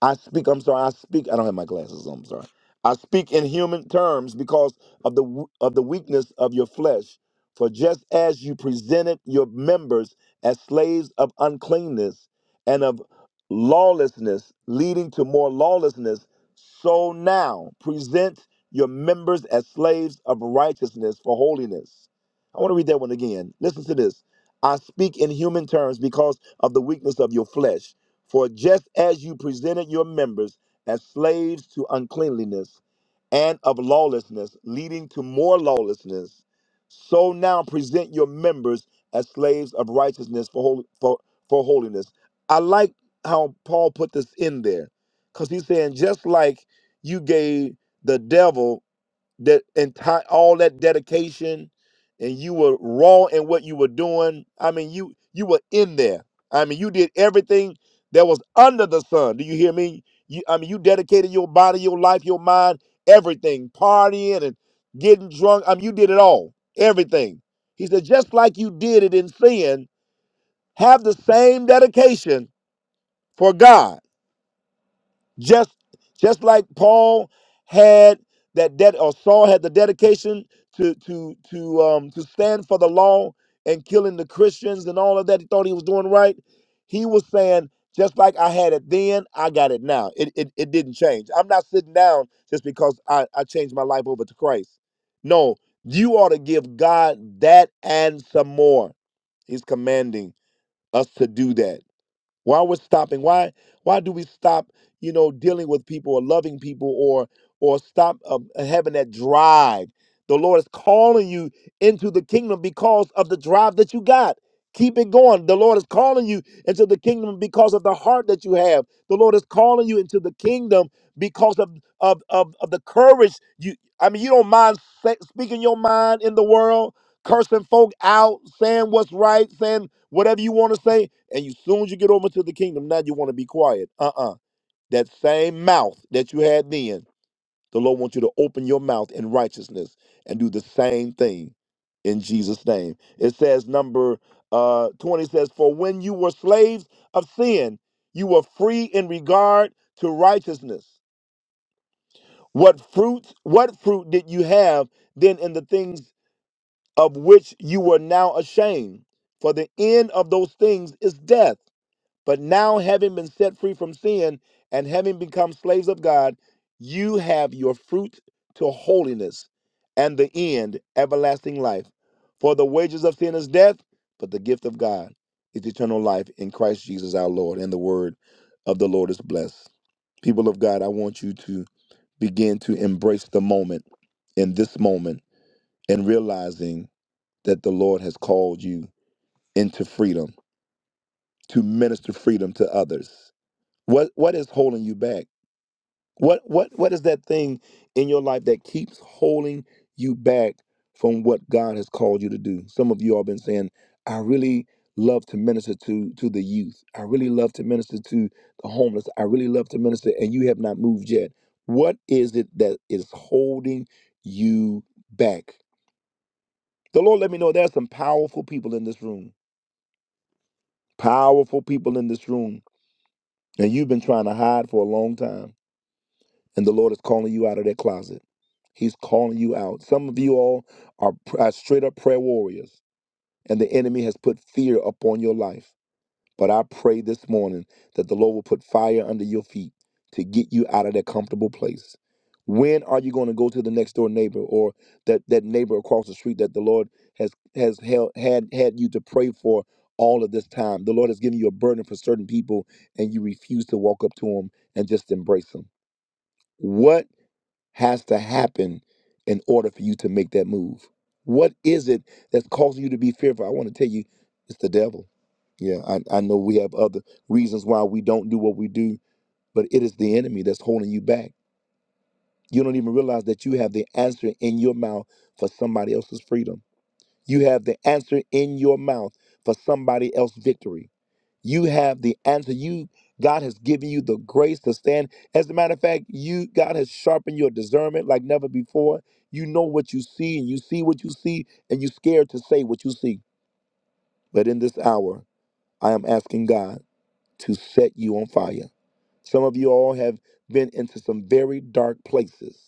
I speak, I'm sorry, I speak, I don't have my glasses on, I'm sorry. I speak in human terms because of the w- of the weakness of your flesh. For just as you presented your members as slaves of uncleanness and of lawlessness, leading to more lawlessness, so now present your members as slaves of righteousness for holiness. I want to read that one again. Listen to this. I speak in human terms because of the weakness of your flesh. For just as you presented your members as slaves to uncleanliness and of lawlessness, leading to more lawlessness, so now present your members as slaves of righteousness for, hol- for, for holiness. I like how Paul put this in there because he's saying, just like you gave the devil that entire all that dedication and you were raw in what you were doing i mean you you were in there i mean you did everything that was under the sun do you hear me you i mean you dedicated your body your life your mind everything partying and getting drunk i mean you did it all everything he said just like you did it in sin have the same dedication for god just just like Paul had that debt or Saul had the dedication to to to um to stand for the law and killing the Christians and all of that. He thought he was doing right. He was saying, just like I had it then, I got it now. It it, it didn't change. I'm not sitting down just because I, I changed my life over to Christ. No, you ought to give God that and some more. He's commanding us to do that why we're stopping why why do we stop you know dealing with people or loving people or or stop um, having that drive the lord is calling you into the kingdom because of the drive that you got keep it going the lord is calling you into the kingdom because of the heart that you have the lord is calling you into the kingdom because of of of, of the courage you i mean you don't mind sa- speaking your mind in the world cursing folk out saying what's right saying whatever you want to say and you soon as you get over to the kingdom, now you want to be quiet. Uh-uh. That same mouth that you had then, the Lord wants you to open your mouth in righteousness and do the same thing in Jesus' name. It says number uh 20 says, For when you were slaves of sin, you were free in regard to righteousness. What fruits, what fruit did you have then in the things of which you were now ashamed? For the end of those things is death. But now, having been set free from sin and having become slaves of God, you have your fruit to holiness and the end, everlasting life. For the wages of sin is death, but the gift of God is eternal life in Christ Jesus our Lord. And the word of the Lord is blessed. People of God, I want you to begin to embrace the moment in this moment and realizing that the Lord has called you into freedom to minister freedom to others what what is holding you back? What what what is that thing in your life that keeps holding you back from what God has called you to do? Some of you all been saying, I really love to minister to to the youth. I really love to minister to the homeless. I really love to minister and you have not moved yet. What is it that is holding you back? The Lord let me know there's some powerful people in this room. Powerful people in this room. And you've been trying to hide for a long time and the Lord is calling you out of that closet. He's calling you out. Some of you all are, are straight up prayer warriors, and the enemy has put fear upon your life. But I pray this morning that the Lord will put fire under your feet to get you out of that comfortable place. When are you going to go to the next door neighbor or that, that neighbor across the street that the Lord has has held, had had you to pray for all of this time? The Lord has given you a burden for certain people, and you refuse to walk up to them and just embrace them. What has to happen in order for you to make that move? What is it that's causing you to be fearful? I want to tell you, it's the devil. Yeah, I, I know we have other reasons why we don't do what we do, but it is the enemy that's holding you back. You don't even realize that you have the answer in your mouth for somebody else's freedom. You have the answer in your mouth for somebody else's victory. You have the answer. You God has given you the grace to stand. As a matter of fact, you God has sharpened your discernment like never before. You know what you see, and you see what you see, and you're scared to say what you see. But in this hour, I am asking God to set you on fire. Some of you all have been into some very dark places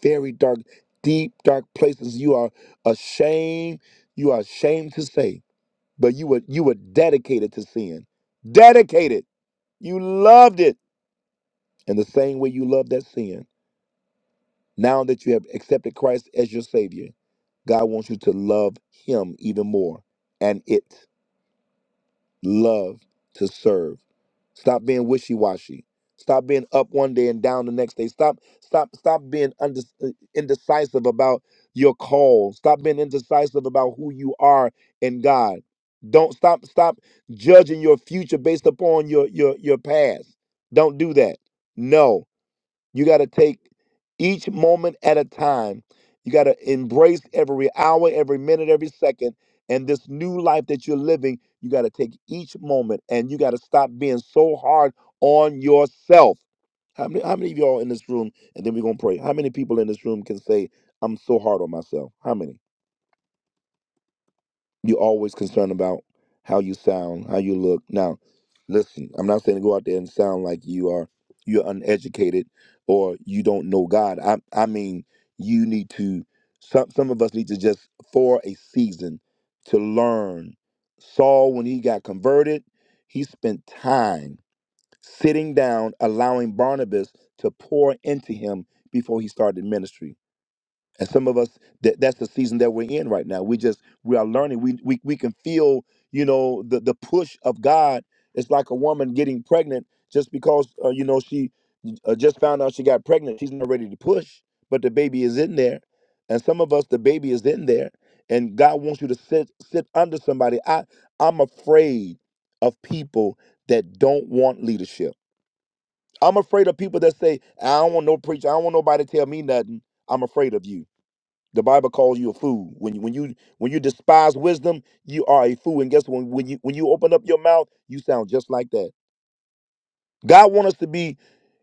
very dark, deep, dark places. You are ashamed. You are ashamed to say, but you were you were dedicated to sin. Dedicated. You loved it in the same way you loved that sin. Now that you have accepted Christ as your Savior, God wants you to love Him even more and it. Love to serve. Stop being wishy washy. Stop being up one day and down the next day. Stop, stop, stop being unde- indecisive about your call. Stop being indecisive about who you are in God. Don't stop, stop judging your future based upon your your your past. Don't do that. No. You got to take each moment at a time. You got to embrace every hour, every minute, every second. And this new life that you're living, you got to take each moment and you got to stop being so hard on yourself. How many, how many of y'all in this room, and then we're going to pray, how many people in this room can say, I'm so hard on myself? How many? you are always concerned about how you sound, how you look. Now, listen, I'm not saying to go out there and sound like you are you're uneducated or you don't know God. I I mean you need to some some of us need to just for a season to learn. Saul, when he got converted, he spent time sitting down, allowing Barnabas to pour into him before he started ministry and some of us, that that's the season that we're in right now. We just we are learning. We we we can feel, you know, the the push of God. It's like a woman getting pregnant just because uh, you know she uh, just found out she got pregnant. She's not ready to push, but the baby is in there. And some of us, the baby is in there, and God wants you to sit sit under somebody. I I'm afraid of people that don't want leadership. I'm afraid of people that say, "I don't want no preacher. I don't want nobody to tell me nothing." I'm afraid of you. The Bible calls you a fool. When you when you when you despise wisdom, you are a fool. And guess what? When you when you open up your mouth, you sound just like that. God want us to be,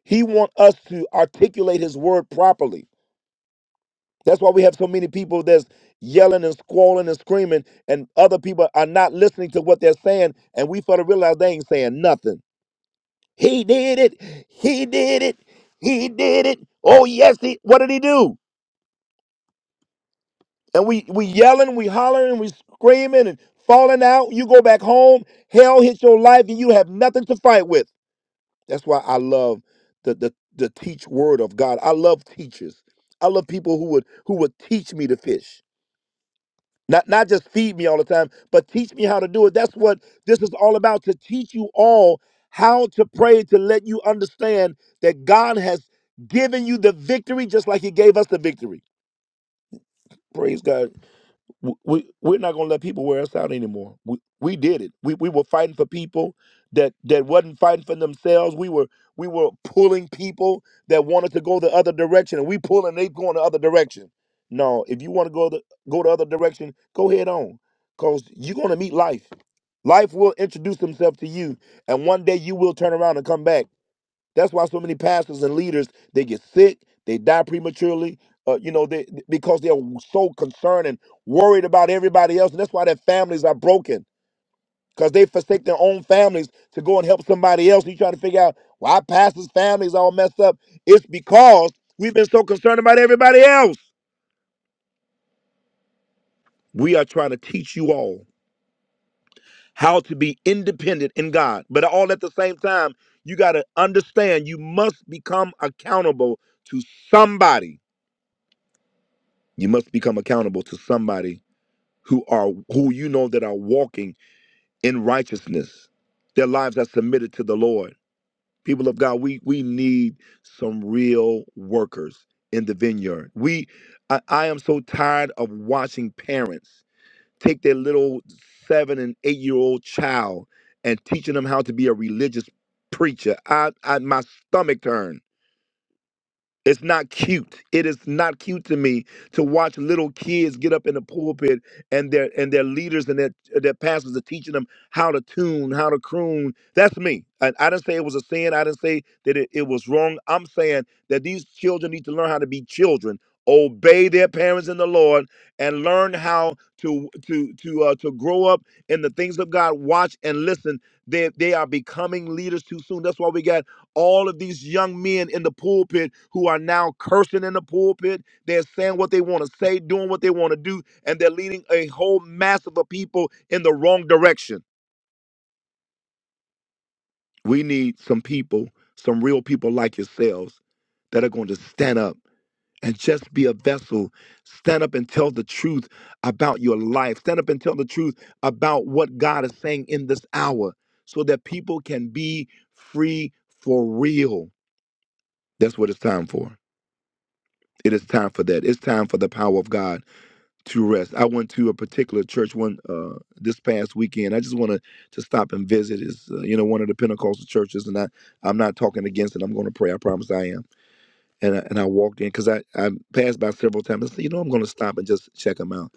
He want us to articulate His word properly. That's why we have so many people that's yelling and squalling and screaming, and other people are not listening to what they're saying, and we fail to realize they ain't saying nothing. He did it. He did it. He did it. Oh yes, he. What did he do? and we we yelling, we hollering, we screaming and falling out. You go back home, hell hits your life, and you have nothing to fight with. That's why I love the the the teach word of God. I love teachers. I love people who would who would teach me to fish. Not not just feed me all the time, but teach me how to do it. That's what this is all about to teach you all how to pray to let you understand that God has given you the victory just like he gave us the victory. Praise God. w- we we're not gonna let people wear us out anymore. We we did it. We we were fighting for people that that wasn't fighting for themselves. We were we were pulling people that wanted to go the other direction, and we pulling they going the other direction. No, if you want to go the go the other direction, go head on, cause you're gonna meet life. Life will introduce himself to you, and one day you will turn around and come back. That's why so many pastors and leaders they get sick, they die prematurely. Uh, you know, they because they're so concerned and worried about everybody else, and that's why their families are broken because they forsake their own families to go and help somebody else. And you trying to figure out why our pastors' families all messed up? It's because we've been so concerned about everybody else. We are trying to teach you all how to be independent in God, but all at the same time, you got to understand you must become accountable to somebody You must become accountable to somebody who are who you know that are walking in righteousness. Their lives are submitted to the Lord. People of God, we we need some real workers in the vineyard. We I, I am so tired of watching parents take their little seven and eight year old child and teaching them how to be a religious preacher. I, I my stomach turned it's not cute. It is not cute to me to watch little kids get up in the pulpit and their and their leaders and their their pastors are teaching them how to tune, how to croon. That's me. And I didn't say it was a sin. I didn't say that it, it was wrong. I'm saying that these children need to learn how to be children, obey their parents in the Lord, and learn how to to to uh, to grow up in the things of God. Watch and listen. They they are becoming leaders too soon. That's why we got all of these young men in the pulpit who are now cursing in the pulpit. They're saying what they want to say, doing what they want to do, and they're leading a whole mass of the people in the wrong direction. We need some people, some real people like yourselves, that are going to stand up and just be a vessel. Stand up and tell the truth about your life. Stand up and tell the truth about what God is saying in this hour so that people can be free for real. That's what it's time for. It is time for that. It's time for the power of God to rest. I went to a particular church one uh, this past weekend. I just wanted to stop and visit. Is uh, you know one of the Pentecostal churches, and I I'm not talking against it. I'm going to pray. I promise I am. And I, and I walked in because I I passed by several times. I said, you know, I'm going to stop and just check them out.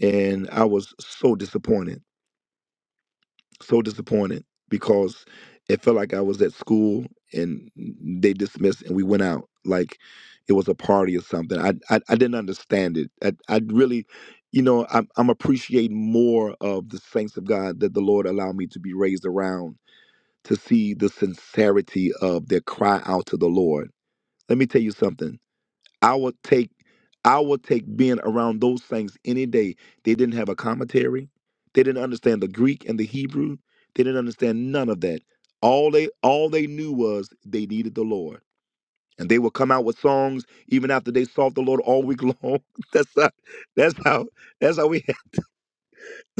And I was so disappointed so disappointed because it felt like I was at school and they dismissed and we went out like it was a party or something. I I, I didn't understand it. I I really, you know, I'm I'm appreciating more of the saints of God that the Lord allowed me to be raised around to see the sincerity of their cry out to the Lord. Let me tell you something. I would take I would take being around those things any day. They didn't have a commentary. They didn't understand the Greek and the Hebrew. They didn't understand none of that. All they all they knew was they needed the Lord. And they would come out with songs even after they sought the Lord all week long. that's how that's how that's how we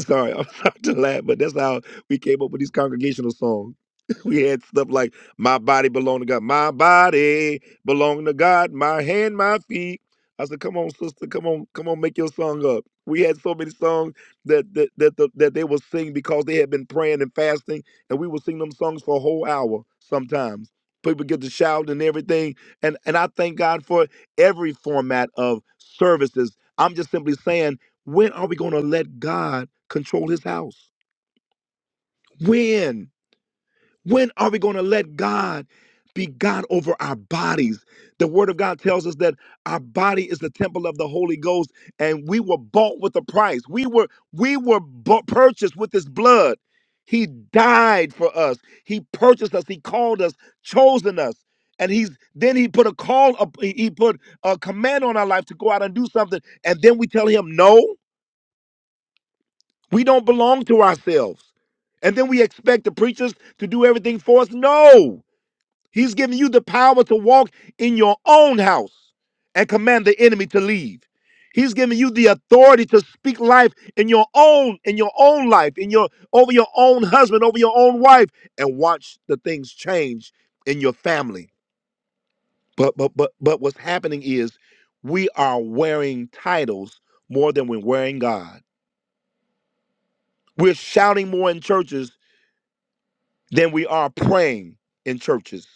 Sorry, I'm sorry to laugh, but that's how we came up with these congregational songs. We had stuff like "My body belong to God," "My body belong to God," "My hand, my feet." I said, "Come on, sister, come on, come on, make your song up." We had so many songs that that that, the, that they would sing because they had been praying and fasting, and we would sing them songs for a whole hour sometimes. People get to shout and everything, and and I thank God for every format of services. I'm just simply saying, when are we going to let God? control his house? When? When are we going to let God be God over our bodies? The word of God tells us that our body is the temple of the Holy Ghost and we were bought with a price. We were we were bought, purchased with his blood. He died for us. He purchased us. He called us, chosen us. And he's then he put a call up he he put a command on our life to go out and do something and then we tell him no? We don't belong to ourselves. And then we expect the preachers to do everything for us. No, he's giving you the power to walk in your own house and command the enemy to leave. He's giving you the authority to speak life in your own, in your own life, in your over your own husband, over your own wife, and watch the things change in your family. But but but but what's happening is we are wearing titles more than we're wearing God. We're shouting more in churches than we are praying in churches.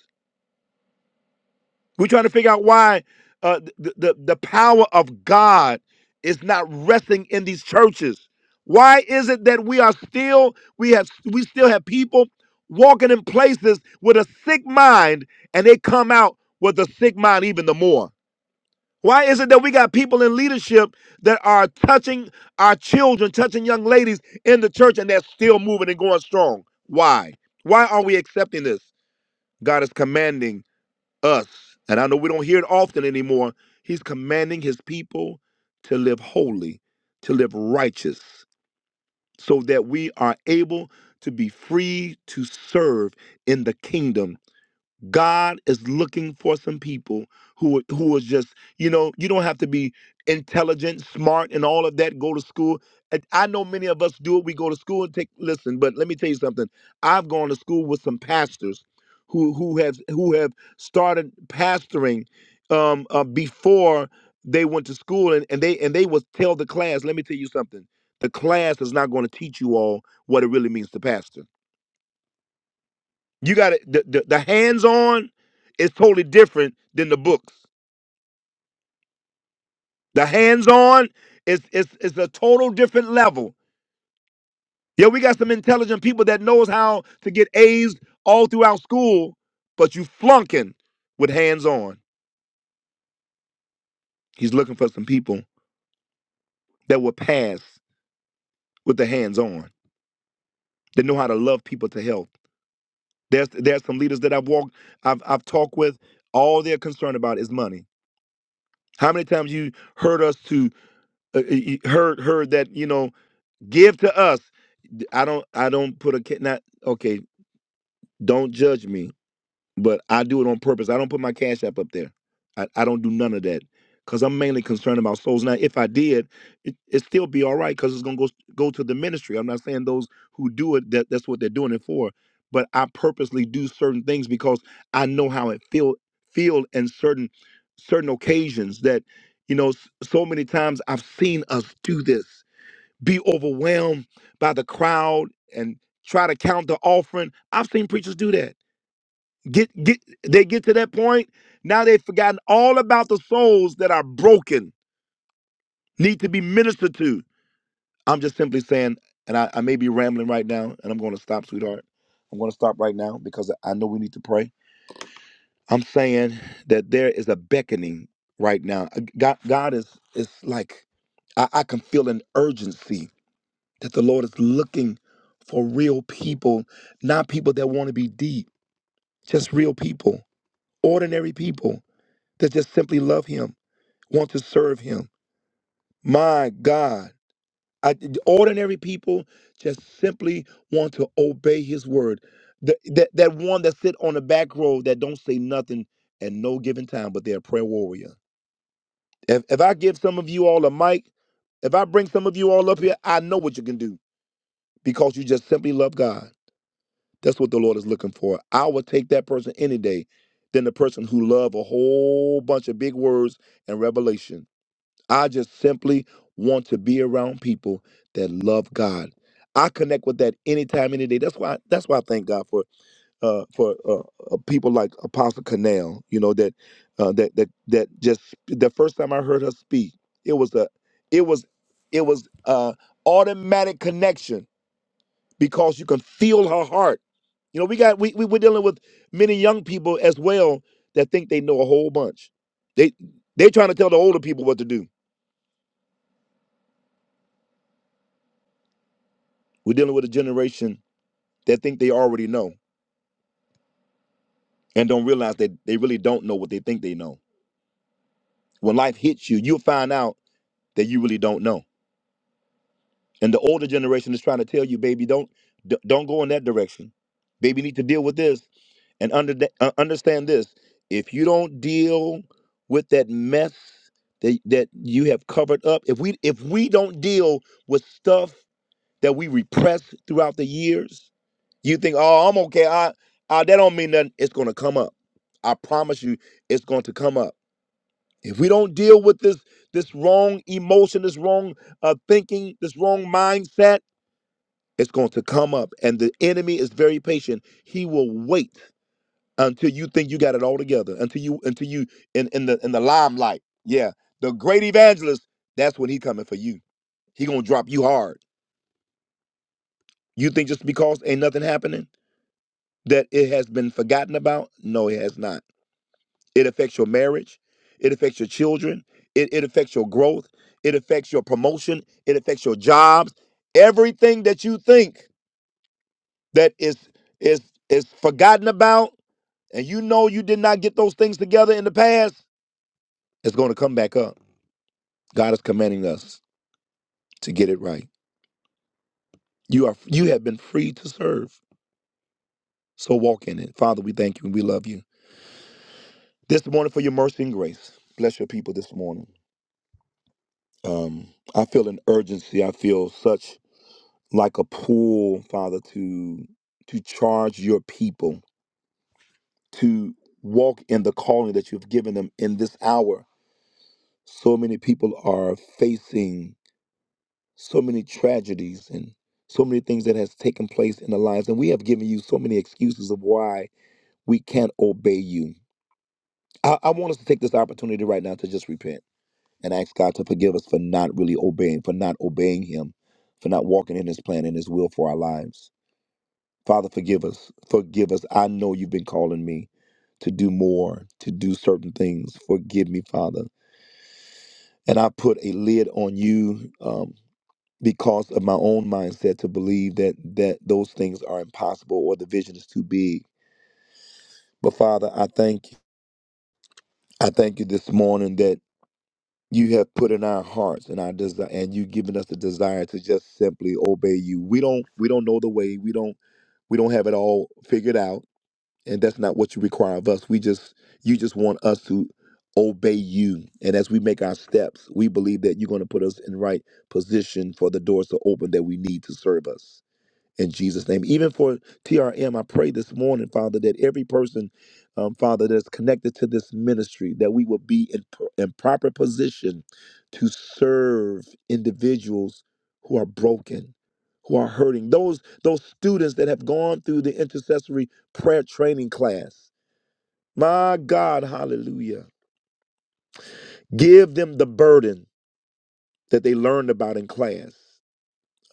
We're trying to figure out why uh, the, the, the power of God is not resting in these churches. Why is it that we are still we have we still have people walking in places with a sick mind and they come out with a sick mind even the more? Why is it that we got people in leadership that are touching our children, touching young ladies in the church and they're still moving and going strong? Why? Why are we accepting this? God is commanding us, and I know we don't hear it often anymore. He's commanding his people to live holy, to live righteous, so that we are able to be free to serve in the kingdom God is looking for some people who who is just you know you don't have to be intelligent, smart, and all of that. Go to school. And I know many of us do it. We go to school and take listen, but let me tell you something. I've gone to school with some pastors who who have who have started pastoring um, uh, before they went to school, and, and they and they would tell the class. Let me tell you something. The class is not going to teach you all what it really means to pastor you got it. the, the, the hands on is totally different than the books. The hands on is is is a total different level. Yeah, we got some intelligent people that knows how to get A's all throughout school, but you flunking with hands on. He's looking for some people that will pass with the hands on. That know how to love people to health. There's there's some leaders that I've walked, I've I've talked with. All they're concerned about is money. How many times you heard us to uh, uh, you heard heard that you know give to us I do not i don't i don't put a ca- not okay don't judge me but i do it on purpose i don't put my cash app up there i, I don't do none of that because i'm mainly concerned about souls now if i did it, it'd still be all right because it's going to go go to the ministry i'm not saying those who do it that that's what they're doing it for but i purposely do certain things because i know how it feel feel in certain certain occasions that you know s- so many times i've seen us do this be overwhelmed by the crowd and try to count the offering. I've seen preachers do that. Get get they get to that point, now they've forgotten all about the souls that are broken, need to be ministered to. I'm just simply saying, and I, I may be rambling right now, and I'm gonna stop, sweetheart. I'm gonna stop right now because I know we need to pray. I'm saying that there is a beckoning right now. God God is is like I, I can feel an urgency that the Lord is looking for real people, not people that want to be deep, just real people, ordinary people that just simply love Him, want to serve Him. My God. I, ordinary people just simply want to obey his word. Th- that, that one that sit on the back row that don't say nothing at no given time, but they're a prayer warrior. If, if I give some of you all a mic, if I bring some of you all up here, I know what you can do because you just simply love God. That's what the Lord is looking for. I would take that person any day than the person who love a whole bunch of big words and revelation. I just simply want to be around people that love God. I connect with that anytime, any day. That's why. That's why I thank God for uh, for uh, uh, people like Apostle Canal. You know that uh, that that that just the first time I heard her speak, it was a it was it was uh, automatic connection because you can feel her heart. You know, we got we, we we're dealing with many young people as well that think they know a whole bunch. They they are trying to tell the older people what to do. We're dealing with a generation that think they already know and don't realize that they really don't know what they think they know. When life hits you, you'll find out that you really don't know. And the older generation is trying to tell you, baby, don't d- don't go in that direction. Baby, you need to deal with this and under, uh, understand this. If you don't deal with that mess that that you have covered up, if we if we don't deal with stuff that we repress throughout the years, you think, oh, I'm okay. I, I that don't mean nothing. It's gonna come up. I promise you, it's going to come up. If we don't deal with this this wrong emotion, this wrong uh, thinking, this wrong mindset it's going to come up, and the enemy is very patient. He will wait until you think you got it all together, until you until you in in the in the limelight. Yeah, the great evangelist. That's when he coming for you. He gonna drop you hard. You think just because ain't nothing happening that it has been forgotten about? No, it has not. It affects your marriage. It affects your children. It, it affects your growth. It affects your promotion. It affects your jobs. Everything that you think that is is is forgotten about and you know you did not get those things together in the past, it's going to come back up. God is commanding us to get it right. You are you have been free to serve. So walk in it. Father, we thank you and we love you. This morning for your mercy and grace. Bless your people this morning. Um, I feel an urgency. I feel such like a pull, Father, to to charge your people to walk in the calling that you've given them in this hour. So many people are facing so many tragedies and so many things that has taken place in the lives and we have given you so many excuses of why we can't obey you I, I want us to take this opportunity right now to just repent and ask god to forgive us for not really obeying for not obeying him for not walking in his plan and his will for our lives father forgive us forgive us i know you've been calling me to do more to do certain things forgive me father and i put a lid on you Um, because of my own mindset to believe that that those things are impossible or the vision is too big. But Father, I thank you. I thank you this morning that you have put in our hearts and our desire and you've given us the desire to just simply obey you. We don't we don't know the way. We don't we don't have it all figured out. And that's not what you require of us. We just you just want us to obey you. And as we make our steps, we believe that you're going to put us in right position for the doors to open that we need to serve us. in Jesus' name. Even for TRM, I pray this morning, Father, that every person, um, Father, that's connected to this ministry, that we will be in, pro- in proper position to serve individuals who are broken, who are hurting. Those those students that have gone through the intercessory prayer training class. My God, hallelujah. Give them the burden that they learned about in class.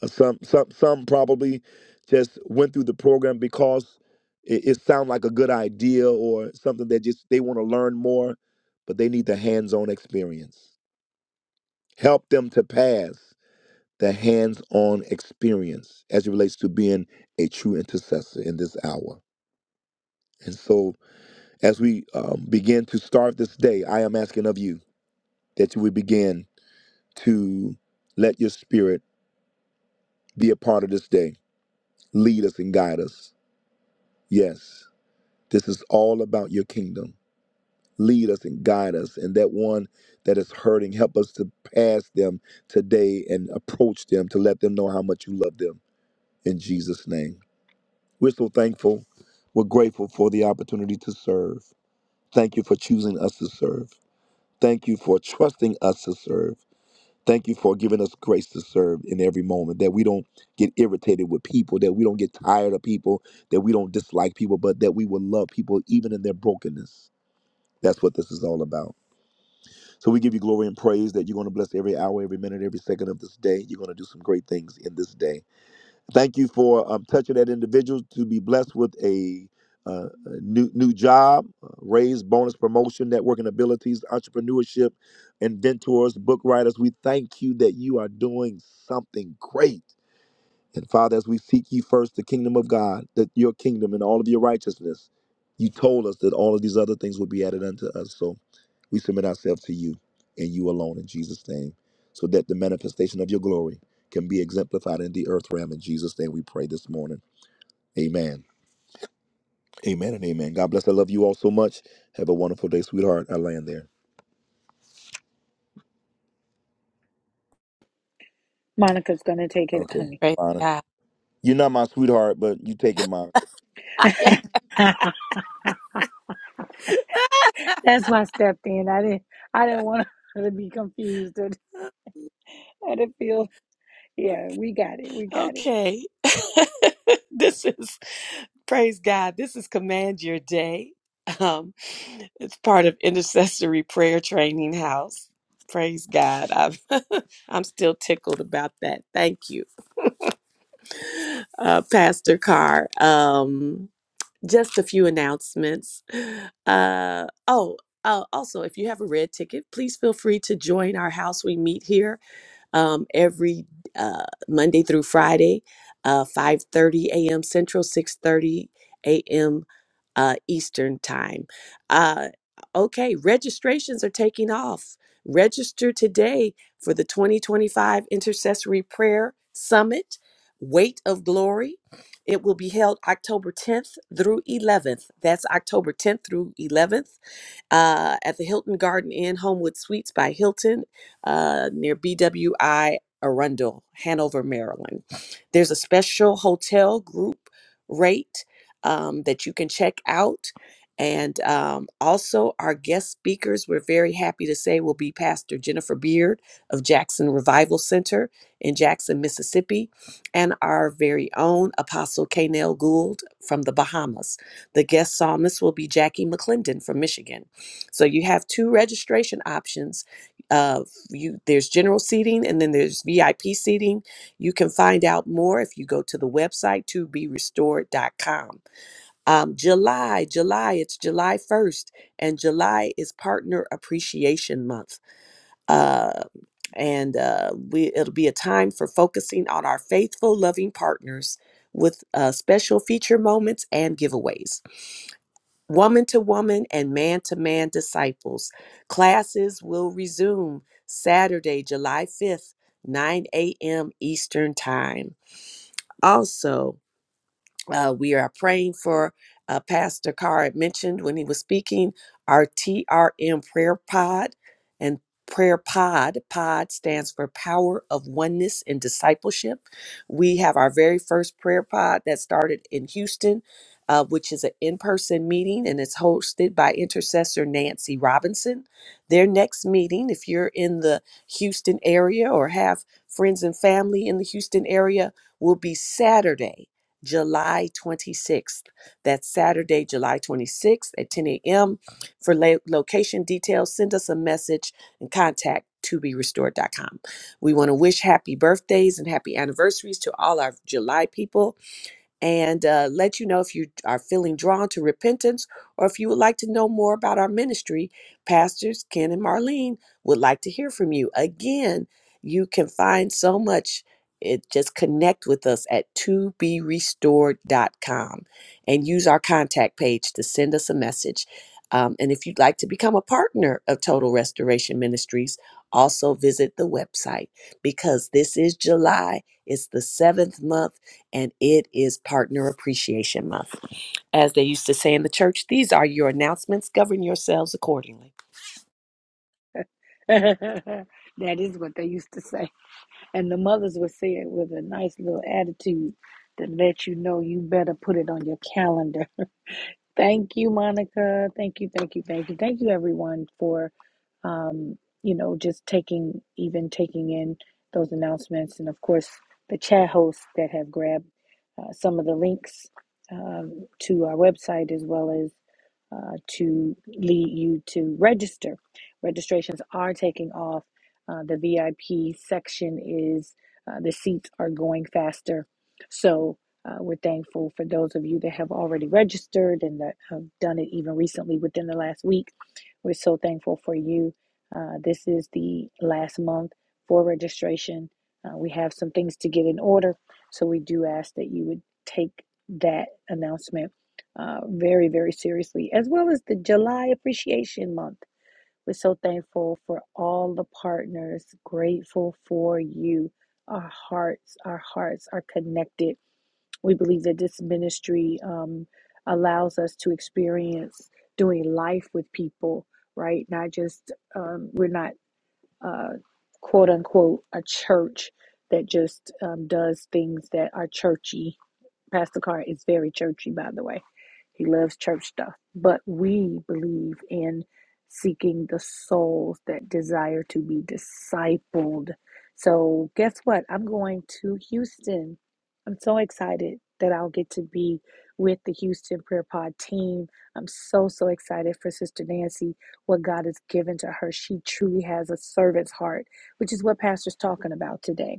Uh, Some some some probably just went through the program because it, it sounded like a good idea or something that just they want to learn more, but they need the hands-on experience. Help them to pass the hands-on experience as it relates to being a true intercessor in this hour. And so, as we um, begin to start this day, I am asking of you that you would begin to let your spirit be a part of this day. Lead us and guide us. Yes. This is all about your kingdom. Lead us and guide us. And that one that is hurting, help us to pass them today and approach them to let them know how much you love them. In Jesus' name. We're so thankful. We're grateful for the opportunity to serve. Thank you for choosing us to serve. Thank you for trusting us to serve. Thank you for giving us grace to serve in every moment, that we don't get irritated with people, that we don't get tired of people, that we don't dislike people, but that we will love people even in their brokenness That's what this is all about. So we give you glory and praise that you're going to bless every hour, every minute, every second of this day. You're going to do some great things in this day. Thank you for um, touching that individual to be blessed with a, uh, a new new job, uh, raise, bonus, promotion, networking abilities, entrepreneurship, inventors, book writers. We thank you that you are doing something great and Father, as we seek ye first the kingdom of God, that your kingdom and all of your righteousness, you told us that all of these other things would be added unto us. So we submit ourselves to you and you alone in Jesus' name, so that the manifestation of your glory can be exemplified in the earth realm. In Jesus' name we pray this morning. Amen. Amen and amen. God bless. I love you all so much. Have a wonderful day, sweetheart. I land there.
Monica's gonna take it,
Okay.
honey.
Praise
Monica.
God.
You're not my sweetheart, but you taking my.
That's why I stepped in. I didn't I didn't want her to be confused or to feel yeah, we got it, we got it.
okay. this is, praise God. This is Command Your Day. Um, it's part of Intercessory Prayer Training House. Praise God. I'm, I'm still tickled about that. Thank you, uh, Pastor Carr. Um, just a few announcements. Uh, oh, uh, also, if you have a red ticket, please feel free to join our house. We meet here um, every uh, Monday through Friday, uh, 5.30 a.m. Central, 6.30 a.m. Uh, Eastern Time. Uh, okay, registrations are taking off. Register today for the 2025 Intercessory Prayer Summit, Weight of Glory. It will be held October 10th through 11th. That's October 10th through 11th uh, at the Hilton Garden Inn, Homewood Suites by Hilton, uh, near BWI Arundel, Hanover, Maryland. There's a special hotel group rate um, that you can check out. And um, also, our guest speakers, we're very happy to say, will be Pastor Jennifer Beard of Jackson Revival Center in Jackson, Mississippi, and our very own Apostle Kanel Gould from the Bahamas. The guest psalmist will be Jackie McClendon from Michigan. So you have two registration options. Uh, you there's general seating and then there's VIP seating. You can find out more if you go to the website to be restored.com. Um, July, July, it's July 1st, and July is Partner Appreciation Month. Uh, and uh, we, it'll be a time for focusing on our faithful, loving partners with uh, special feature moments and giveaways. Woman to woman and man to man disciples. Classes will resume Saturday, July 5th, 9 a.m. Eastern Time. Also, uh, we are praying for uh, Pastor Carr had mentioned when he was speaking our TRM prayer pod and prayer pod. Pod stands for Power of Oneness and Discipleship. We have our very first prayer pod that started in Houston. Uh, which is an in person meeting and it's hosted by intercessor Nancy Robinson. Their next meeting, if you're in the Houston area or have friends and family in the Houston area, will be Saturday, July 26th. That's Saturday, July 26th at 10 a.m. For la- location details, send us a message and contact toberestored.com. We want to wish happy birthdays and happy anniversaries to all our July people and uh, let you know if you are feeling drawn to repentance or if you would like to know more about our ministry. Pastors Ken and Marlene would like to hear from you. Again, you can find so much. It just connect with us at to be restored.com and use our contact page to send us a message. Um, and if you'd like to become a partner of Total Restoration Ministries, also visit the website because this is July. It's the seventh month and it is Partner Appreciation Month. As they used to say in the church, these are your announcements. Govern yourselves accordingly.
that is what they used to say. And the mothers would say it with a nice little attitude to let you know you better put it on your calendar. Thank you, Monica. Thank you, thank you, thank you, thank you, everyone, for um, you know just taking even taking in those announcements, and of course the chat hosts that have grabbed uh, some of the links um, to our website as well as uh, to lead you to register. Registrations are taking off. Uh, the VIP section is uh, the seats are going faster, so. Uh, we're thankful for those of you that have already registered and that have done it even recently within the last week. We're so thankful for you. Uh, this is the last month for registration. Uh, we have some things to get in order, so we do ask that you would take that announcement uh, very, very seriously, as well as the July Appreciation Month. We're so thankful for all the partners, grateful for you. Our hearts, our hearts are connected we believe that this ministry um, allows us to experience doing life with people, right? Not just, um, we're not uh, quote unquote a church that just um, does things that are churchy Pastor Carr is very churchy, by the way. He loves church stuff. But we believe in seeking the souls that desire to be discipled. So, guess what? I'm going to Houston. I'm so excited that I'll get to be with the Houston Prayer Pod team. I'm so, so excited for Sister Nancy, what God has given to her. She truly has a servant's heart, which is what Pastor's talking about today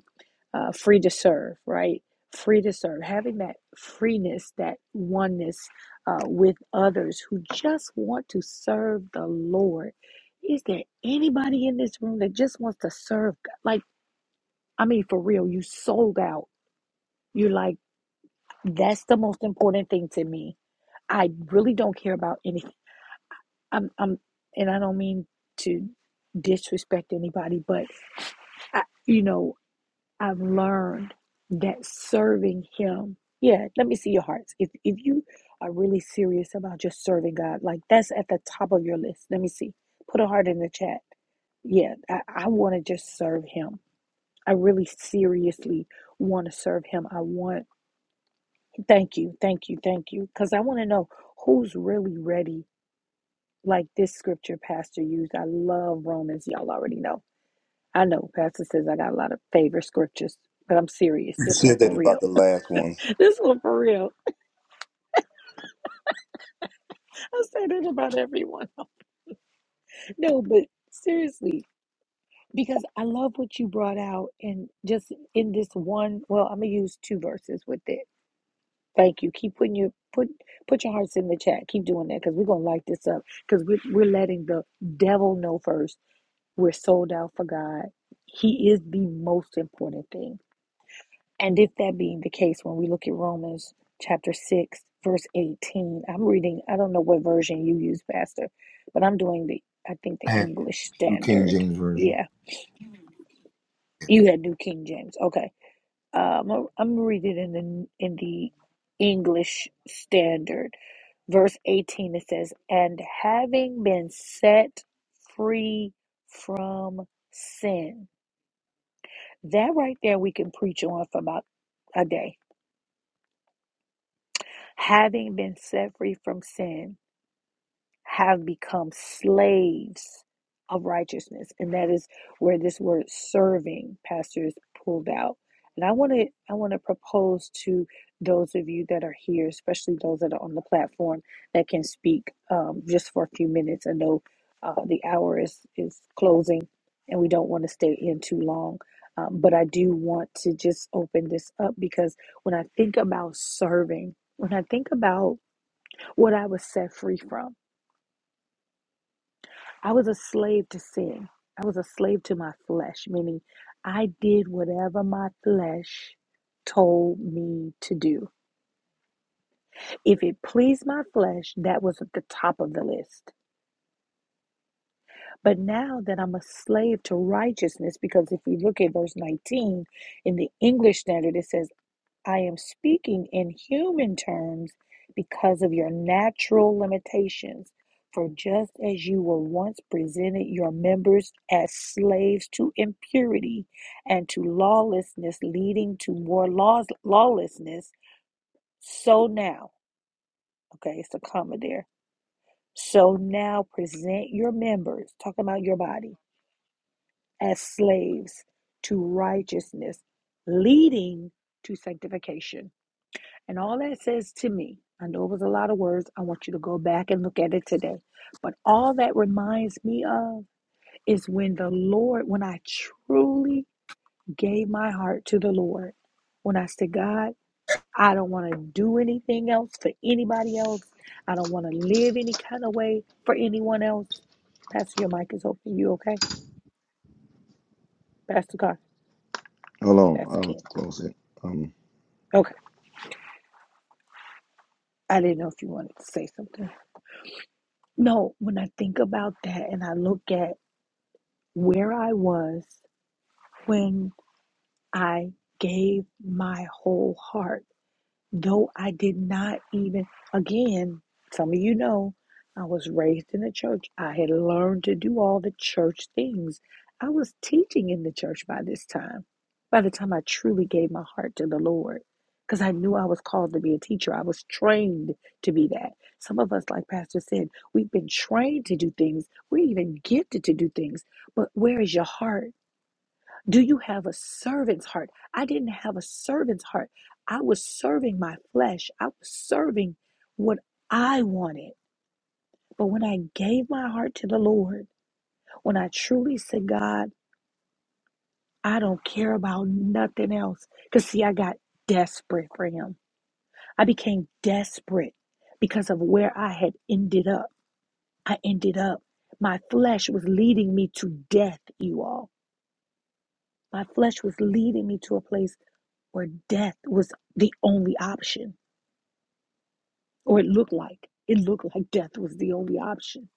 uh, free to serve, right? Free to serve, having that freeness, that oneness uh, with others who just want to serve the Lord. Is there anybody in this room that just wants to serve? God? Like, I mean, for real, you sold out. You're like, that's the most important thing to me. I really don't care about anything. I'm, I'm, and I don't mean to disrespect anybody, but I, you know, I've learned that serving Him, yeah, let me see your hearts. If if you are really serious about just serving God, like that's at the top of your list. Let me see. Put a heart in the chat. Yeah, I, I want to just serve Him. I really seriously want to serve Him. I want, thank you, thank you, thank you. Because I want to know who's really ready. Like this scripture Pastor used. I love Romans. Y'all already know. I know Pastor says I got a lot of favorite scriptures, but I'm serious.
You
This one
said that
for real
about the last one.
this one for real. I say that about everyone. No, but seriously, because I love what you brought out, and just in this one, well, I'm gonna use two verses with it. Thank you. Keep putting your put put your hearts in the chat. Keep doing that because we're gonna light this up because we're we're letting the devil know first we're sold out for God. He is the most important thing. And if that being the case, when we look at Romans chapter 6, verse 18, I'm reading, I don't know what version you use, Pastor, but I'm doing the, I think the
I had
English
the New King
standard.
James Version.
Yeah, you had New King James. Okay. Um, I'm I'm reading in the, in the English standard. Verse 18, it says, And having been set free from sin. That right there we can preach on for about a day having been set free from sin, have become slaves of righteousness. And that is where this word serving, Pastor, is pulled out. And I want to I want to propose to those of you that are here, especially those that are on the platform that can speak um, just for a few minutes. I know uh, the hour is is closing, and we don't want to stay in too long. Um, but I do want to just open this up because when I think about serving, when I think about what I was set free from. I was a slave to sin. I was a slave to my flesh, meaning I did whatever my flesh told me to do. If it pleased my flesh, that was at the top of the list. But now that I'm a slave to righteousness, because if you look at verse 19 in the English standard, it says, I am speaking in human terms because of your natural limitations. For just as you were once presented your members as slaves to impurity and to lawlessness, leading to more laws, lawlessness, so now, okay, it's a comma there. So now present your members, talking about your body, as slaves to righteousness, leading to sanctification. And all that says to me, I know it was a lot of words. I want you to go back and look at it today. But all that reminds me of is when the Lord, when I truly gave my heart to the Lord, when I said, God, I don't want to do anything else for anybody else. I don't want to live any kind of way for anyone else. Pastor, your mic is open. You okay? Pastor Carr,
Hold on,
that's
I'll
Ken.
close it. Um,
Okay. I didn't know if you wanted to say something. No, when I think about that and I look at where I was when I gave my whole heart, though I did not even, again, some of you know, I was raised in the church. I had learned to do all the church things. I was teaching in the church by this time, by the time I truly gave my heart to the Lord, because I knew I was called to be a teacher. I was trained to be that. Some of us, like Pastor said, we've been trained to do things, we're even gifted to do things, but where is your heart? Do you have a servant's heart? I didn't have a servant's heart. I was serving my flesh. I was serving what I wanted. But when I gave my heart to the Lord, when I truly said, God, I don't care about nothing else. Because, see, I got desperate for Him. I became desperate because of where I had ended up. I ended up, my flesh was leading me to death, you all. My flesh was leading me to a place. where death was the only option, or it looked like it looked like death was the only option.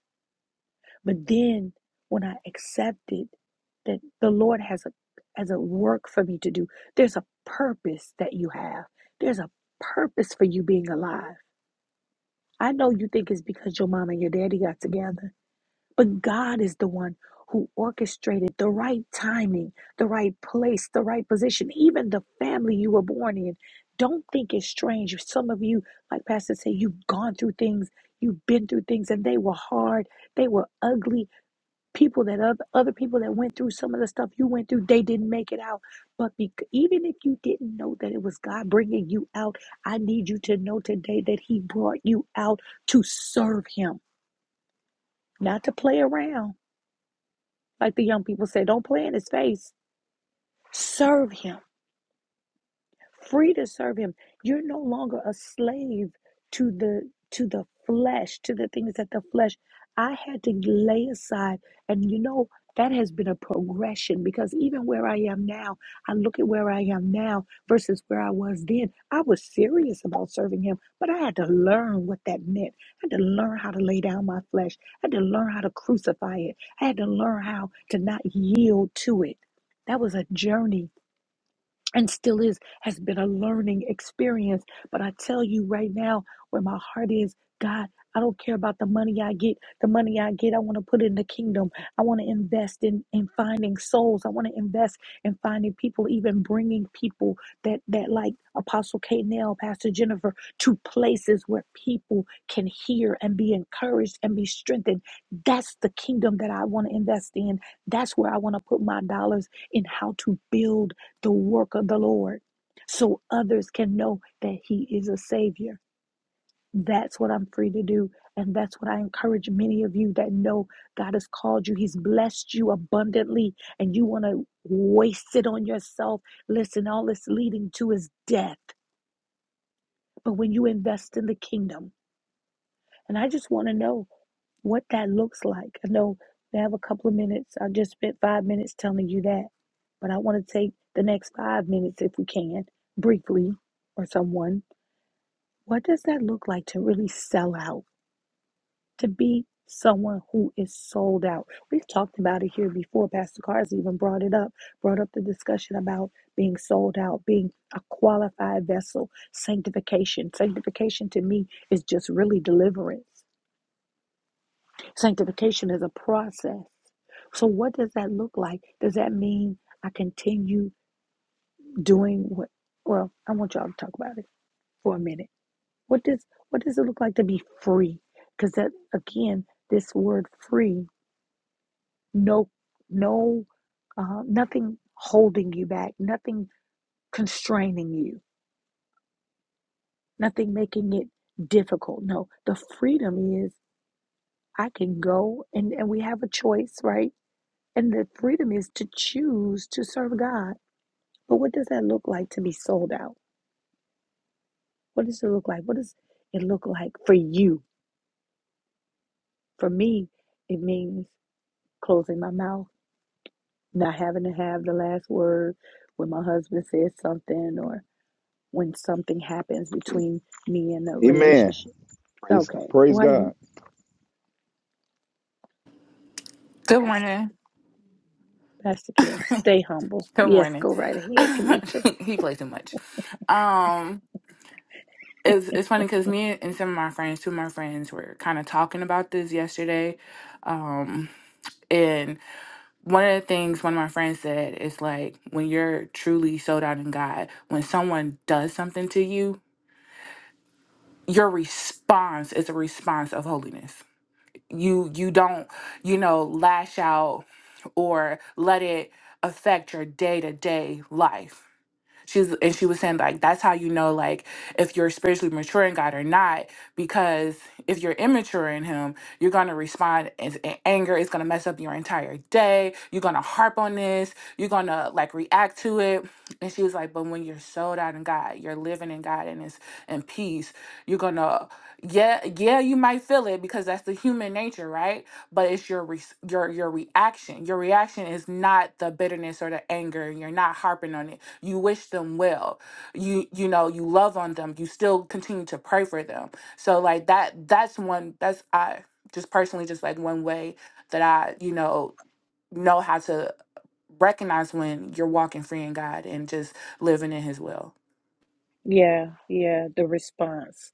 But then when I accepted that the Lord has a has a work for me to do, there's a purpose that you have. There's a purpose for you being alive. I know you think it's because your mom and your daddy got together. But God is the one who orchestrated the right timing, the right place, the right position, even the family you were born in. Don't think it's strange. Some of you, like Pastor said, you've gone through things, you've been through things, and they were hard, they were ugly. People that other, other people that went through some of the stuff you went through, they didn't make it out. But bec- even if you didn't know that it was God bringing you out, I need you to know today that He brought you out to serve Him, not to play around like the young people said, don't play in his face. Serve him free to serve him you're no longer a slave to the to the flesh to the things that the flesh i had to lay aside and you know that has been a progression because even where i am now i look at where i am now versus where i was then i was serious about serving him but i had to learn what that meant i had to learn how to lay down my flesh i had to learn how to crucify it i had to learn how to not yield to it that was a journey and still is has been a learning experience but i tell you right now where my heart is god i don't care about the money i get the money i get i want to put in the kingdom i want to invest in in finding souls i want to invest in finding people even bringing people that that like apostle k now pastor jennifer to places where people can hear and be encouraged and be strengthened that's the kingdom that i want to invest in that's where i want to put my dollars in how to build the work of the Lord so others can know that He is a Savior. That's what I'm free to do. And that's what I encourage many of you that know God has called you. He's blessed you abundantly, and you want to waste it on yourself. Listen, all it's leading to is death. But when you invest in the kingdom, and I just want to know what that looks like. I know we have a couple of minutes. I just spent five minutes telling you that, but I want to take the next five minutes, if we can, briefly, or someone. What does that look like to really sell out, to be someone who is sold out? We've talked about it here before. Pastor Cars even brought it up, brought up the discussion about being sold out, being a qualified vessel, sanctification. Sanctification to me is just really deliverance. Sanctification is a process. So, what does that look like? Does that mean I continue doing what? Well, I want y'all to talk about it for a minute. What does what does it look like to be free? Because that again, this word "free," no, no, uh, nothing holding you back, nothing constraining you, nothing making it difficult. No, the freedom is I can go and and we have a choice, right? And the freedom is to choose to serve God. But what does that look like to be sold out? What does it look like? What does it look like for you? For me, it means closing my mouth, not having to have the last word when my husband says something or when something happens between me and a
Amen.
relationship.
Praise
Okay,
praise
why
God.
you,
Good
Pastor?
morning.
Pastor Ken, stay humble.
Good
Yes,
morning.
go right ahead, Kanisha.
he played too much. Um, it's it's funny because me and some of my friends, two of my friends, were kind of talking about this yesterday. Um, and one of the things one of my friends said is like when you're truly sold out in God, when someone does something to you, your response is a response of holiness you you don't you know lash out or let it affect your day-to-day life She's and she was saying like that's how you know like if you're spiritually mature in God or not because if you're immature in Him, you're gonna respond in, in anger. It's gonna mess up your entire day. You're gonna harp on this. You're gonna like react to it. And she was like, but when you're sold out in God, you're living in God and it's in peace. You're gonna yeah yeah you might feel it because that's the human nature, right? But it's your re- your your reaction. Your reaction is not the bitterness or the anger. You're not harping on it you wish them well you you know you love on them you still continue to pray for them so like that that's one that's i just personally just like one way that i you know know how to recognize when you're walking free in god and just living in his will
Yeah, yeah, the response.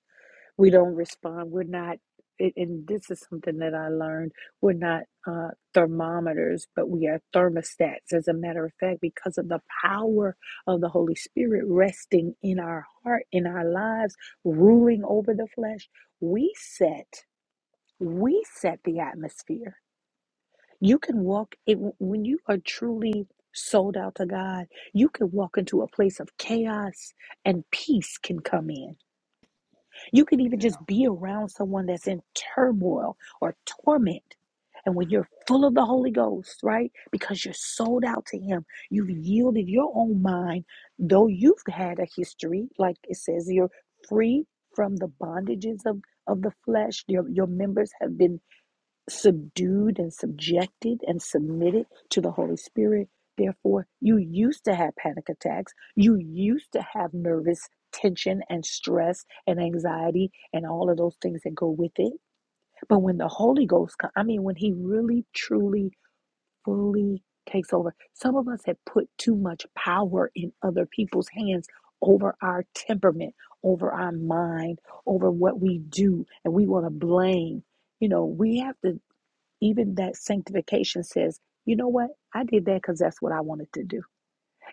we don't respond we're not a- and this is something that i learned we're not uh, thermometers but we are thermostats as a matter of fact because of the power of the holy spirit resting in our heart in our lives ruling over the flesh we set we set the atmosphere you can walk it, when you are truly sold out to god you can walk into a place of chaos and peace can come in you could even just be around someone that's in turmoil or torment. And when you're full of the Holy Ghost, right? Because you're sold out to Him, you've yielded your own mind, though you've had a history, like it says, you're free from the bondages of, of the flesh. Your, your members have been subdued and subjected and submitted to the Holy Spirit. Therefore, you used to have panic attacks. You used to have nervous tension and stress and anxiety and all of those things that go with it. But when the Holy Ghost comes, I mean, when He really, truly, fully takes over, some of us have put too much power in other people's hands over our temperament, over our mind, over what we do, and we want to blame you know we have to even that sanctification says, you know what? I did that because that's what I wanted to do.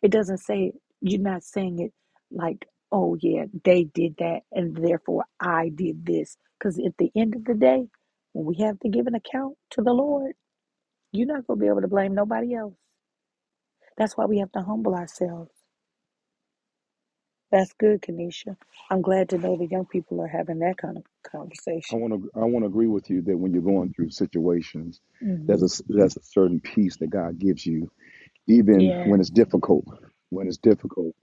It doesn't say, you're not saying it like, oh, yeah, they did that, and therefore I did this. Because at the end of the day, when we have to give an account to the Lord, you're not going to be able to blame nobody else. That's why we have to humble ourselves. That's good, Kanisha. I'm glad to know the young people are having that kind of
I
conversation.
want to I want to agree with you that when you're going through situations, there's
Mm-hmm.
a there's a certain peace that God gives you, even when
Yes.
it's difficult. When it's difficult,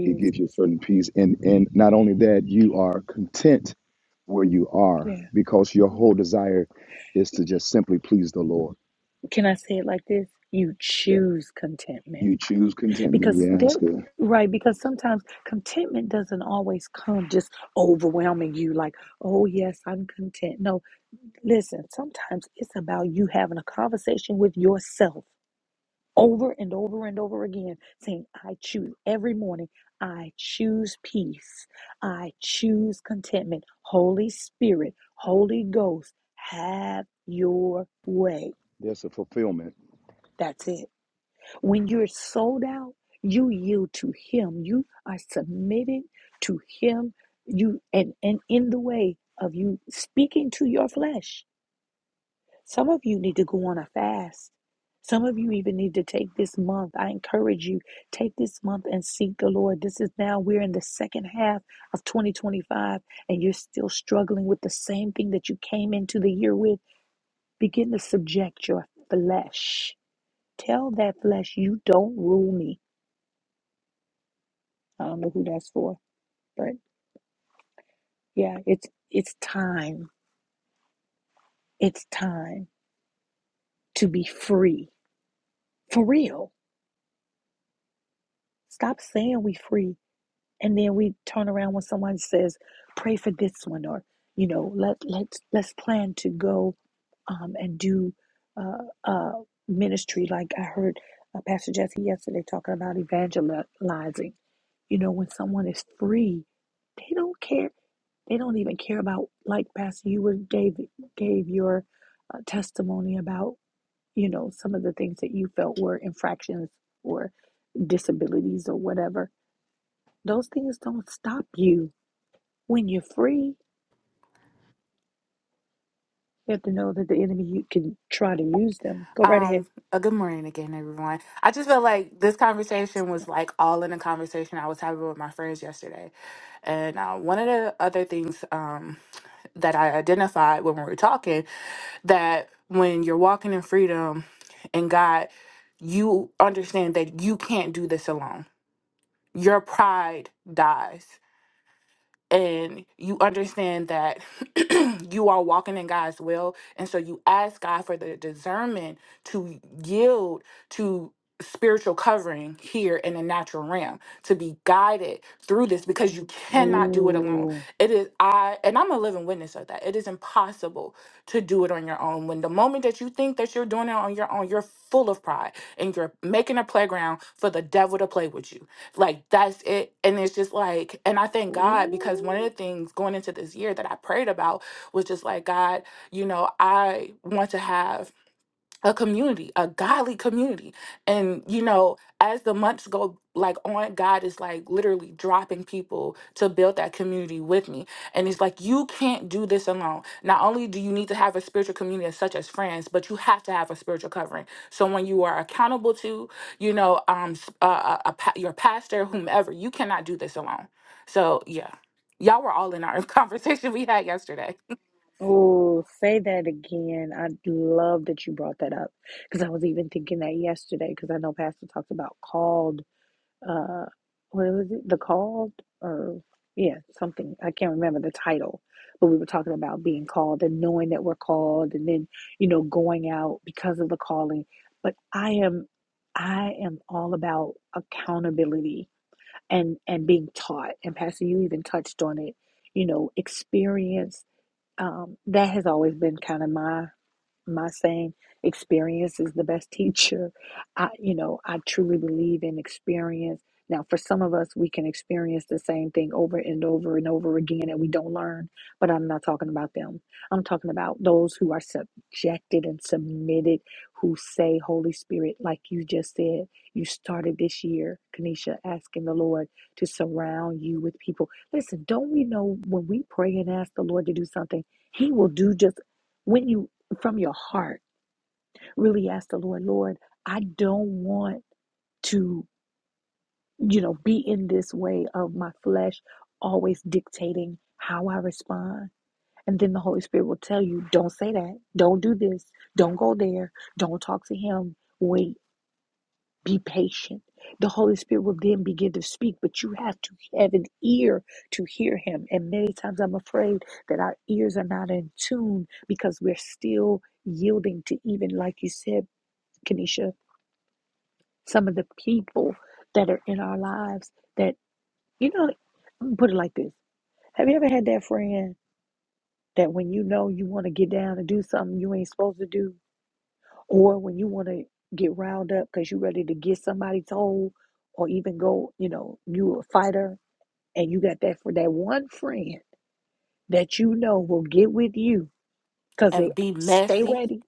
He gives you a certain peace, and and not only that, you are content where you are
Yeah.
because your
Yeah.
whole desire is to just simply please the Lord.
can I say it like this? You
Yeah,
choose contentment
you choose contentment.
because
Yeah,
there,
that's good.
right? Because sometimes contentment doesn't always come just overwhelming you, like, oh, yes, I'm content. No, listen, sometimes it's about you having a conversation with yourself over and over and over again, saying, I choose every morning. I choose peace. I choose contentment. Holy Spirit, Holy Ghost, have your way.
There's a fulfillment.
That's it. When you're sold out, you yield to Him. You are submitted to Him. You and and in the way of you speaking to your flesh. Some of you need to go on a fast. Some of you even need to take this month. I encourage you take this month and seek the Lord. This is now we're in the second half of 2025 and you're still struggling with the same thing that you came into the year with. Begin to subject your flesh. Tell that flesh you don't rule me. I don't know who that's for, but yeah, it's it's time. It's time to be free for real. Stop saying we free, and then we turn around when someone says, "Pray for this one," or you know, let let's let's plan to go um, and do uh, uh, ministry. Like I heard uh, Pastor Jesse yesterday talking about evangelizing. You know, when someone is free, they don't care They don't even care about, like Pastor, you were gave gave your uh, testimony about, you know, some of the things that you felt were infractions or disabilities or whatever. Those things don't stop you when you're free. You have to know that the enemy you can try to use them. Go right
um
ahead.
a good morning again everyone i just felt like this
Yes.
conversation was like all in a conversation i was having with my friends yesterday and uh, one of the other things um that i identified when we were talking that when you're walking in freedom and God, you understand that you can't do this alone. Your pride dies and you understand that you are walking in God's will. And so you ask God for the discernment to yield to spiritual covering here in the natural realm, to be guided through this because you cannot do it alone.
Oh,
It is, I, and I'm a living witness of that. It is impossible to do it on your own. When the moment that you think that you're doing it on your own, you're full of pride and you're making a playground for the devil to play with you like that's it. And it's just like, and I thank God because
oh,
one of the things going into this year that I prayed about was just like, God, you know, I want to have a community, a godly community. And you know, as the months go like on, God is like literally dropping people to build that community with me. And it's like you can't do this alone. Not only do you need to have a spiritual community such as friends, but you have to have a spiritual covering. Someone you are accountable to, you know, um s- a, a, a pa- your pastor, whomever. You cannot do this alone. So, yeah. Y'all were all in our conversation we had yesterday.
oh, say that again. I love that you brought that up because I was even thinking that yesterday because I know Pastor talked about called. uh what was it the called or yeah something i can't remember the title but we were talking about being called and knowing that we're called and then you know going out because of the calling but i am i am all about accountability and and being taught and pastor you even touched on it you know experience um that has always been kind of my my saying experience is the best teacher i you know i truly believe in experience now for some of us we can experience the same thing over and over and over again and we don't learn but i'm not talking about them i'm talking about those who are subjected and submitted who say holy spirit like you just said you started this year kanisha asking the lord to surround you with people listen don't we know when we pray and ask the lord to do something he will do just when you from your heart really ask the lord lord i don't want to you know be in this way of my flesh always dictating how i respond and then the holy spirit will tell you don't say that don't do this don't go there don't talk to him wait be patient the holy spirit will then begin to speak but you have to have an ear to hear him and many times i'm afraid that our ears are not in tune because we're still yielding to even like you said Kenesha some of the people that are in our lives that you know I'm gonna put it like this have you ever had that friend that when you know you want to get down and do something you ain't supposed to do or when you want to get riled up because you're ready to get somebody's told or even go you know you a fighter and you got that for that one friend that you know will get with you because they
And be
stay
messy
ready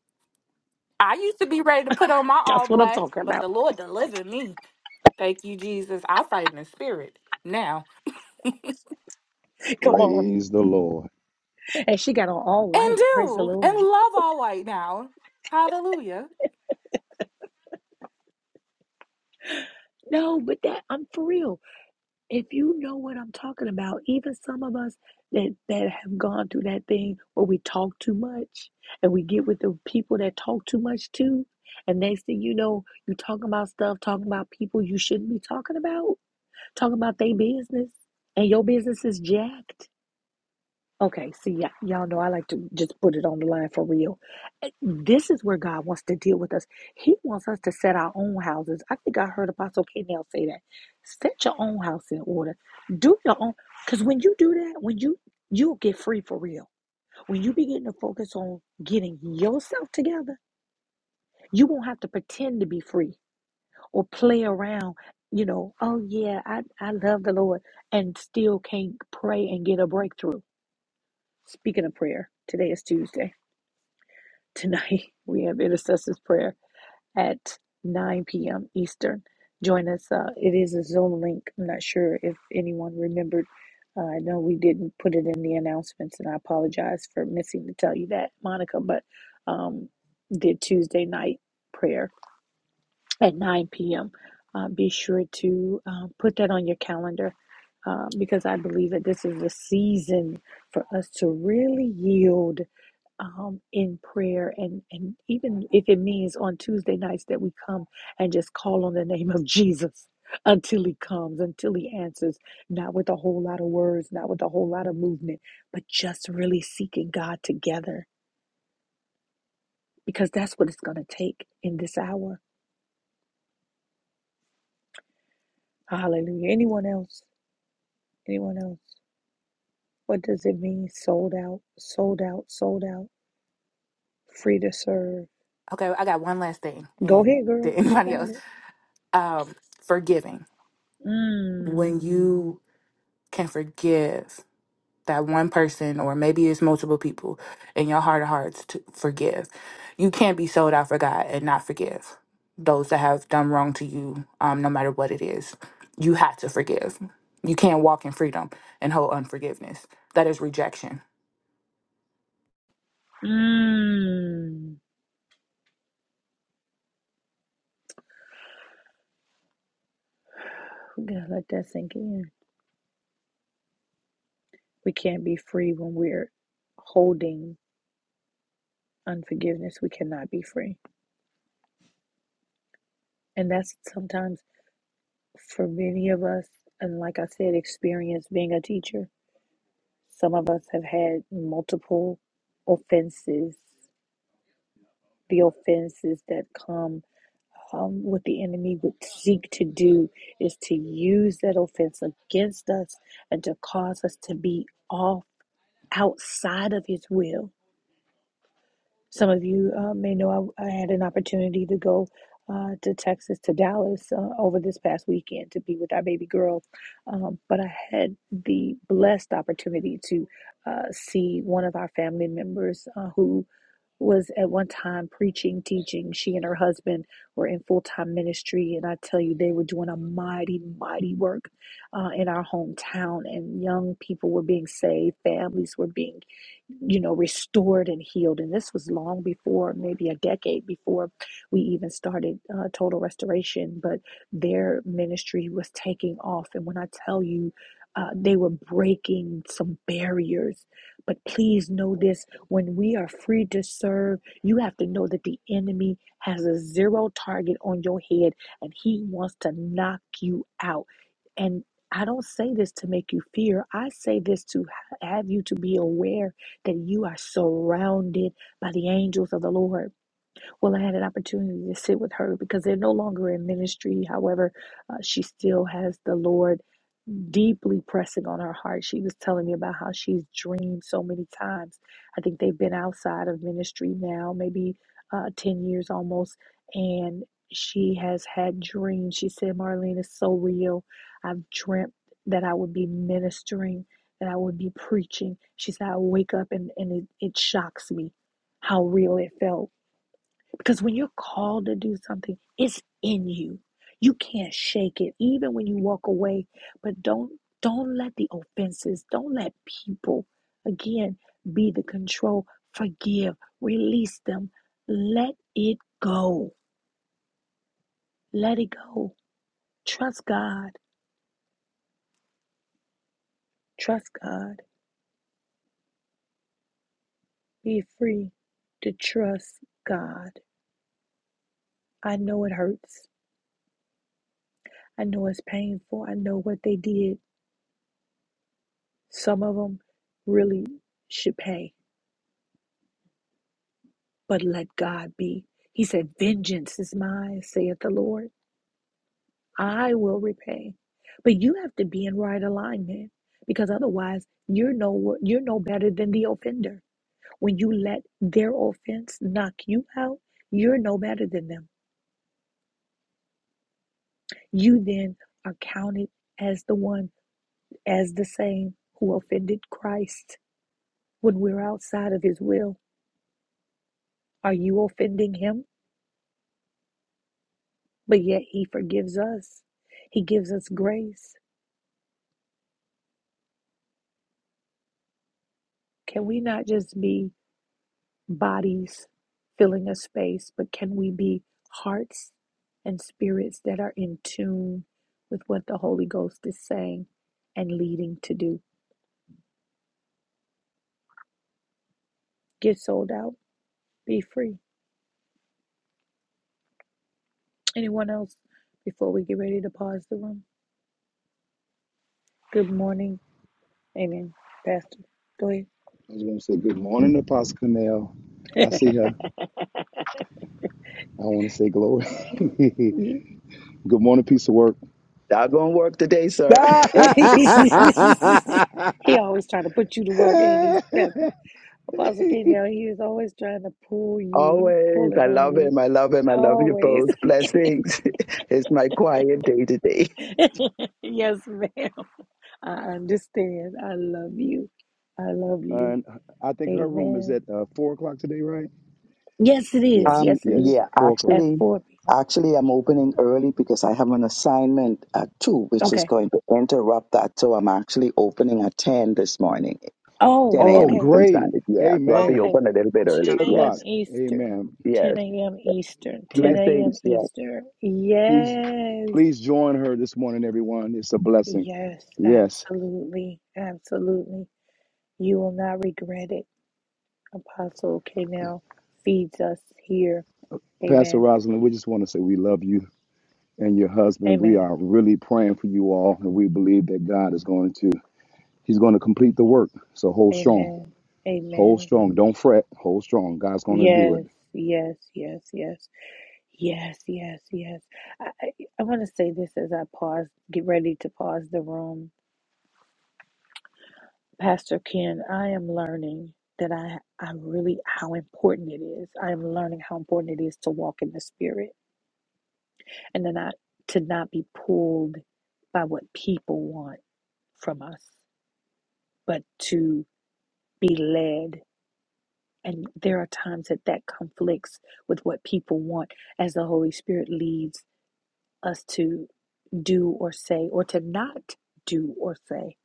I used to be ready to put on my
that's
all
what i'm
black,
talking
but
about
the Lord delivered me. Thank you, Jesus. I fight in the spirit now and
come on
Praise the Lord.
and she got on all white praise the
do and
lord
love all white now. Hallelujah.
no but that i'm for real If you know what I'm talking about, even some of us that that have gone through that thing where we talk too much and we get with the people that talk too much too. And next thing you know, you talking about stuff, talking about people you shouldn't be talking about, talking about their business, and your business is jacked. Okay, see, y- y'all know I like to just put it on the line for real. Eh, This is where God wants to deal with us. He wants us to set our own houses. I think I heard Apostle K. Nell say that. Set your own house in order. Do your own, because when you do that, when you you'll get free for real. When you begin to focus on getting yourself together, you won't have to pretend to be free or play around. You know, oh yeah, I I love the Lord, and still can't pray and get a breakthrough Speaking of prayer, today is Tuesday. Tonight we have intercessors prayer at 9 p.m. Eastern. Join us. Uh, it is a Zoom link. I'm not sure if anyone remembered. Uh, I know we didn't put it in the announcements, and I apologize for missing to tell you that, Monica. But um, did Tuesday night prayer at 9 p.m. Uh, be sure to uh, put that on your calendar uh, because I believe that this is a season for us to really yield um, in prayer and and even if it means on Tuesday nights that we come and just call on the name of Jesus until he comes until he answers not with a whole lot of words not with a whole lot of movement but just really seeking God together because that's what it's going to take in this hour hallelujah anyone else anyone else what does it mean sold out sold out sold out free to serve
Okay, I got one last thing,
go
and
ahead girl
then
you
anybody
got
else.
it
Um, forgiving when
mm
you can forgive. that one person, or maybe it's multiple people, in your heart of hearts to forgive. You can't be sold out for God and not forgive those that have done wrong to you, um, no matter what it is. You have to forgive. You can't walk in freedom and hold unforgiveness. That is rejection
mm We gotta let that sink in. We can't be free when we're holding unforgiveness. We cannot be free. And that's sometimes for many of us, and like I said, experience being a teacher. Some of us have had multiple offenses. The offenses that come um, what the enemy would seek to do is to use that offense against us and to cause us to be off outside of his will Some of you uh, may know I, I had an opportunity to go uh, to Texas, to Dallas uh, over this past weekend to be with our baby girl. Um, but I had the blessed opportunity to uh, see one of our family members uh, who was at one time preaching, teaching. She and her husband were in full time ministry. And I tell you, they were doing a mighty, mighty work uh, in our hometown. And young people were being saved, families were being you know, restored and healed. And this was long before, maybe a decade before we even started uh, Total Restoration, but their ministry was taking off. And when I tell you, uh, they were breaking some barriers. But please know this when we are free to serve, you have to know that the enemy has a zero target on your head and he wants to knock you out. And I don't say this to make you fear. I say this to have you to be aware that you are surrounded by the angels of the Lord. Well, I had an opportunity to sit with her because they're no longer in ministry. However, uh, she still has the Lord deeply pressing on her heart. She was telling me about how she's dreamed so many times. I think they've been outside of ministry now, maybe uh, 10 years almost. And she has had dreams. She said, Marlene is so real. I've dreamt that I would be ministering, that I would be preaching. She said, I wake up and, and it, it shocks me how real it felt because when you're called to do something, it's in you. You can't shake it, even when you walk away. But don't don't let the offenses, don't let people again be the control. Forgive, release them, let it go. Let it go. Trust God. Trust God. Be free to trust God. I know it hurts. I know it's painful. I know what they did. Some of them really should pay but let God be. He said, Vengeance is mine, saith the Lord. I will repay. But you have to be in right alignment because otherwise you're no you're no better than the offender. When you let their offense knock you out, you're no better than them. You then are counted as the one as the same who offended Christ when we're outside of his will. Are you offending him? But yet he forgives us. He gives us grace. Can we not just be bodies filling a space, but can we be hearts and spirits that are in tune with what the Holy Ghost is saying and leading to do? Get sold out, be free. Anyone else before we get ready to pause the room? Good morning. Amen. Pastor, go
I just want to say good morning to Pastor Cornell. I
ahead.
see her. I want to say glory. good
Me.
morning, piece of work.
Not gonna work today,
and
sir.
he always trying to put you to work, ain't he? Apostle K now he is always trying to pull you. He
Always.
pulling
I
on
love
you.
him. I love him. I love you
Always.
both. Blessings. it's my quiet day today.
yes, ma'am. I understand. I love you. I love you.
I think her room is
Amen.
at uh, four o'clock today, right?
Yes, it is.
Yes,
Um,
Yes, it is.
yes,
yeah,
four o'clock.
At
actually,
4 p.
actually, I'm opening early because I have an assignment at two,
m.
which is
Okay.
going to interrupt that. So I'm actually opening at ten this morning, ten
Oh,
Oh,
a.m.
okay.
Eastern
great.
Standard. Yeah, so I'll be
Amen.
Okay.
open a little bit
Ten
early.
10 a.m.
Yes,
o'clock.
Eastern.
Amen.
yes.
10 a.m. Eastern. 10
Please,
a.m.
Blessings. Yeah.
Eastern.
please,
Yes.
please join her this morning, everyone. It's a blessing.
Yes.
Yes.
Absolutely. Absolutely. You will not regret it. Apostle K now feeds us here.
Pastor
Amen.
Rosalind, we just want to say we love you. and your husband. We
Amen.
are really praying for you all, and we believe that God is going to He's going to complete the work. So hold strong,
Amen.
hold
Amen.
strong. Don't fret. Hold strong. God's going to do it.
Yes, yes, yes, yes, yes, yes, yes. I, I, I want to say this as I pause, get ready to pause the room. Pastor Ken, I am learning that I, I'm really how important it is. I am learning how important it is to walk in the spirit and then I, to not be pulled by what people want from us, but to be led And there are times that that conflicts with what people want as the Holy Spirit leads us to do or say or to not do or say.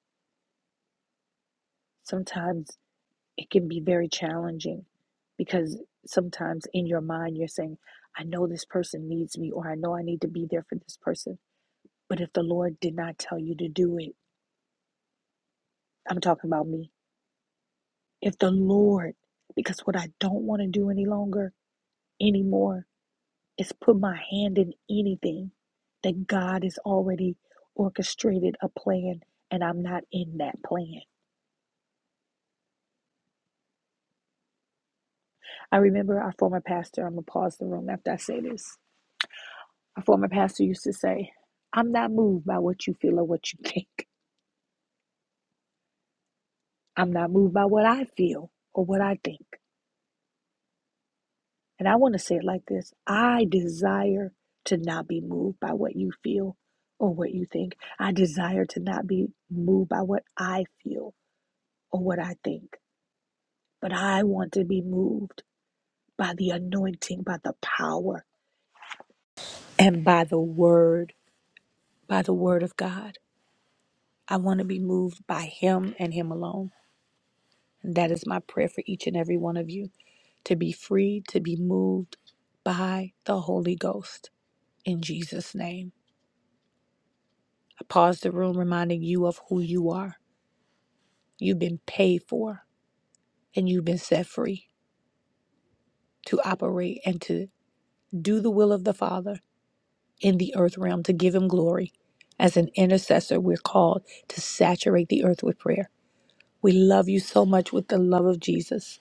Sometimes it can be very challenging because sometimes in your mind you're saying, I know this person needs me or I know I need to be there for this person. But if the Lord did not tell you to do it, I'm talking about me. If the Lord, because what I don't want to do any longer, anymore, is put my hand in anything that God has already orchestrated a plan and I'm not in that plan. I remember our former pastor, I'm going to pause the room after I say this. Our former pastor used to say, I'm not moved by what you feel or what you think. I'm not moved by what I feel or what I think. And I want to say it like this I desire to not be moved by what you feel or what you think. I desire to not be moved by what I feel or what I think. But I want to be moved by the anointing, by the power, and by the word, by the word of God. I want to be moved by Him and Him alone. And that is my prayer for each and every one of you to be free, to be moved by the Holy Ghost in Jesus' name. I pause the room reminding you of who you are. You've been paid for and you've been set free to operate and to do the will of the Father in the earth realm to give him glory. As an intercessor, we're called to saturate the earth with prayer. We love you so much with the love of Jesus.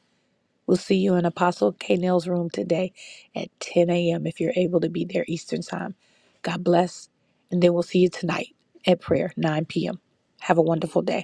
We'll see you in Apostle Kanell's room today at 10 a.m. if you're able to be there Eastern time. God bless. And then we'll see you tonight at prayer, 9 p.m. Have a wonderful day.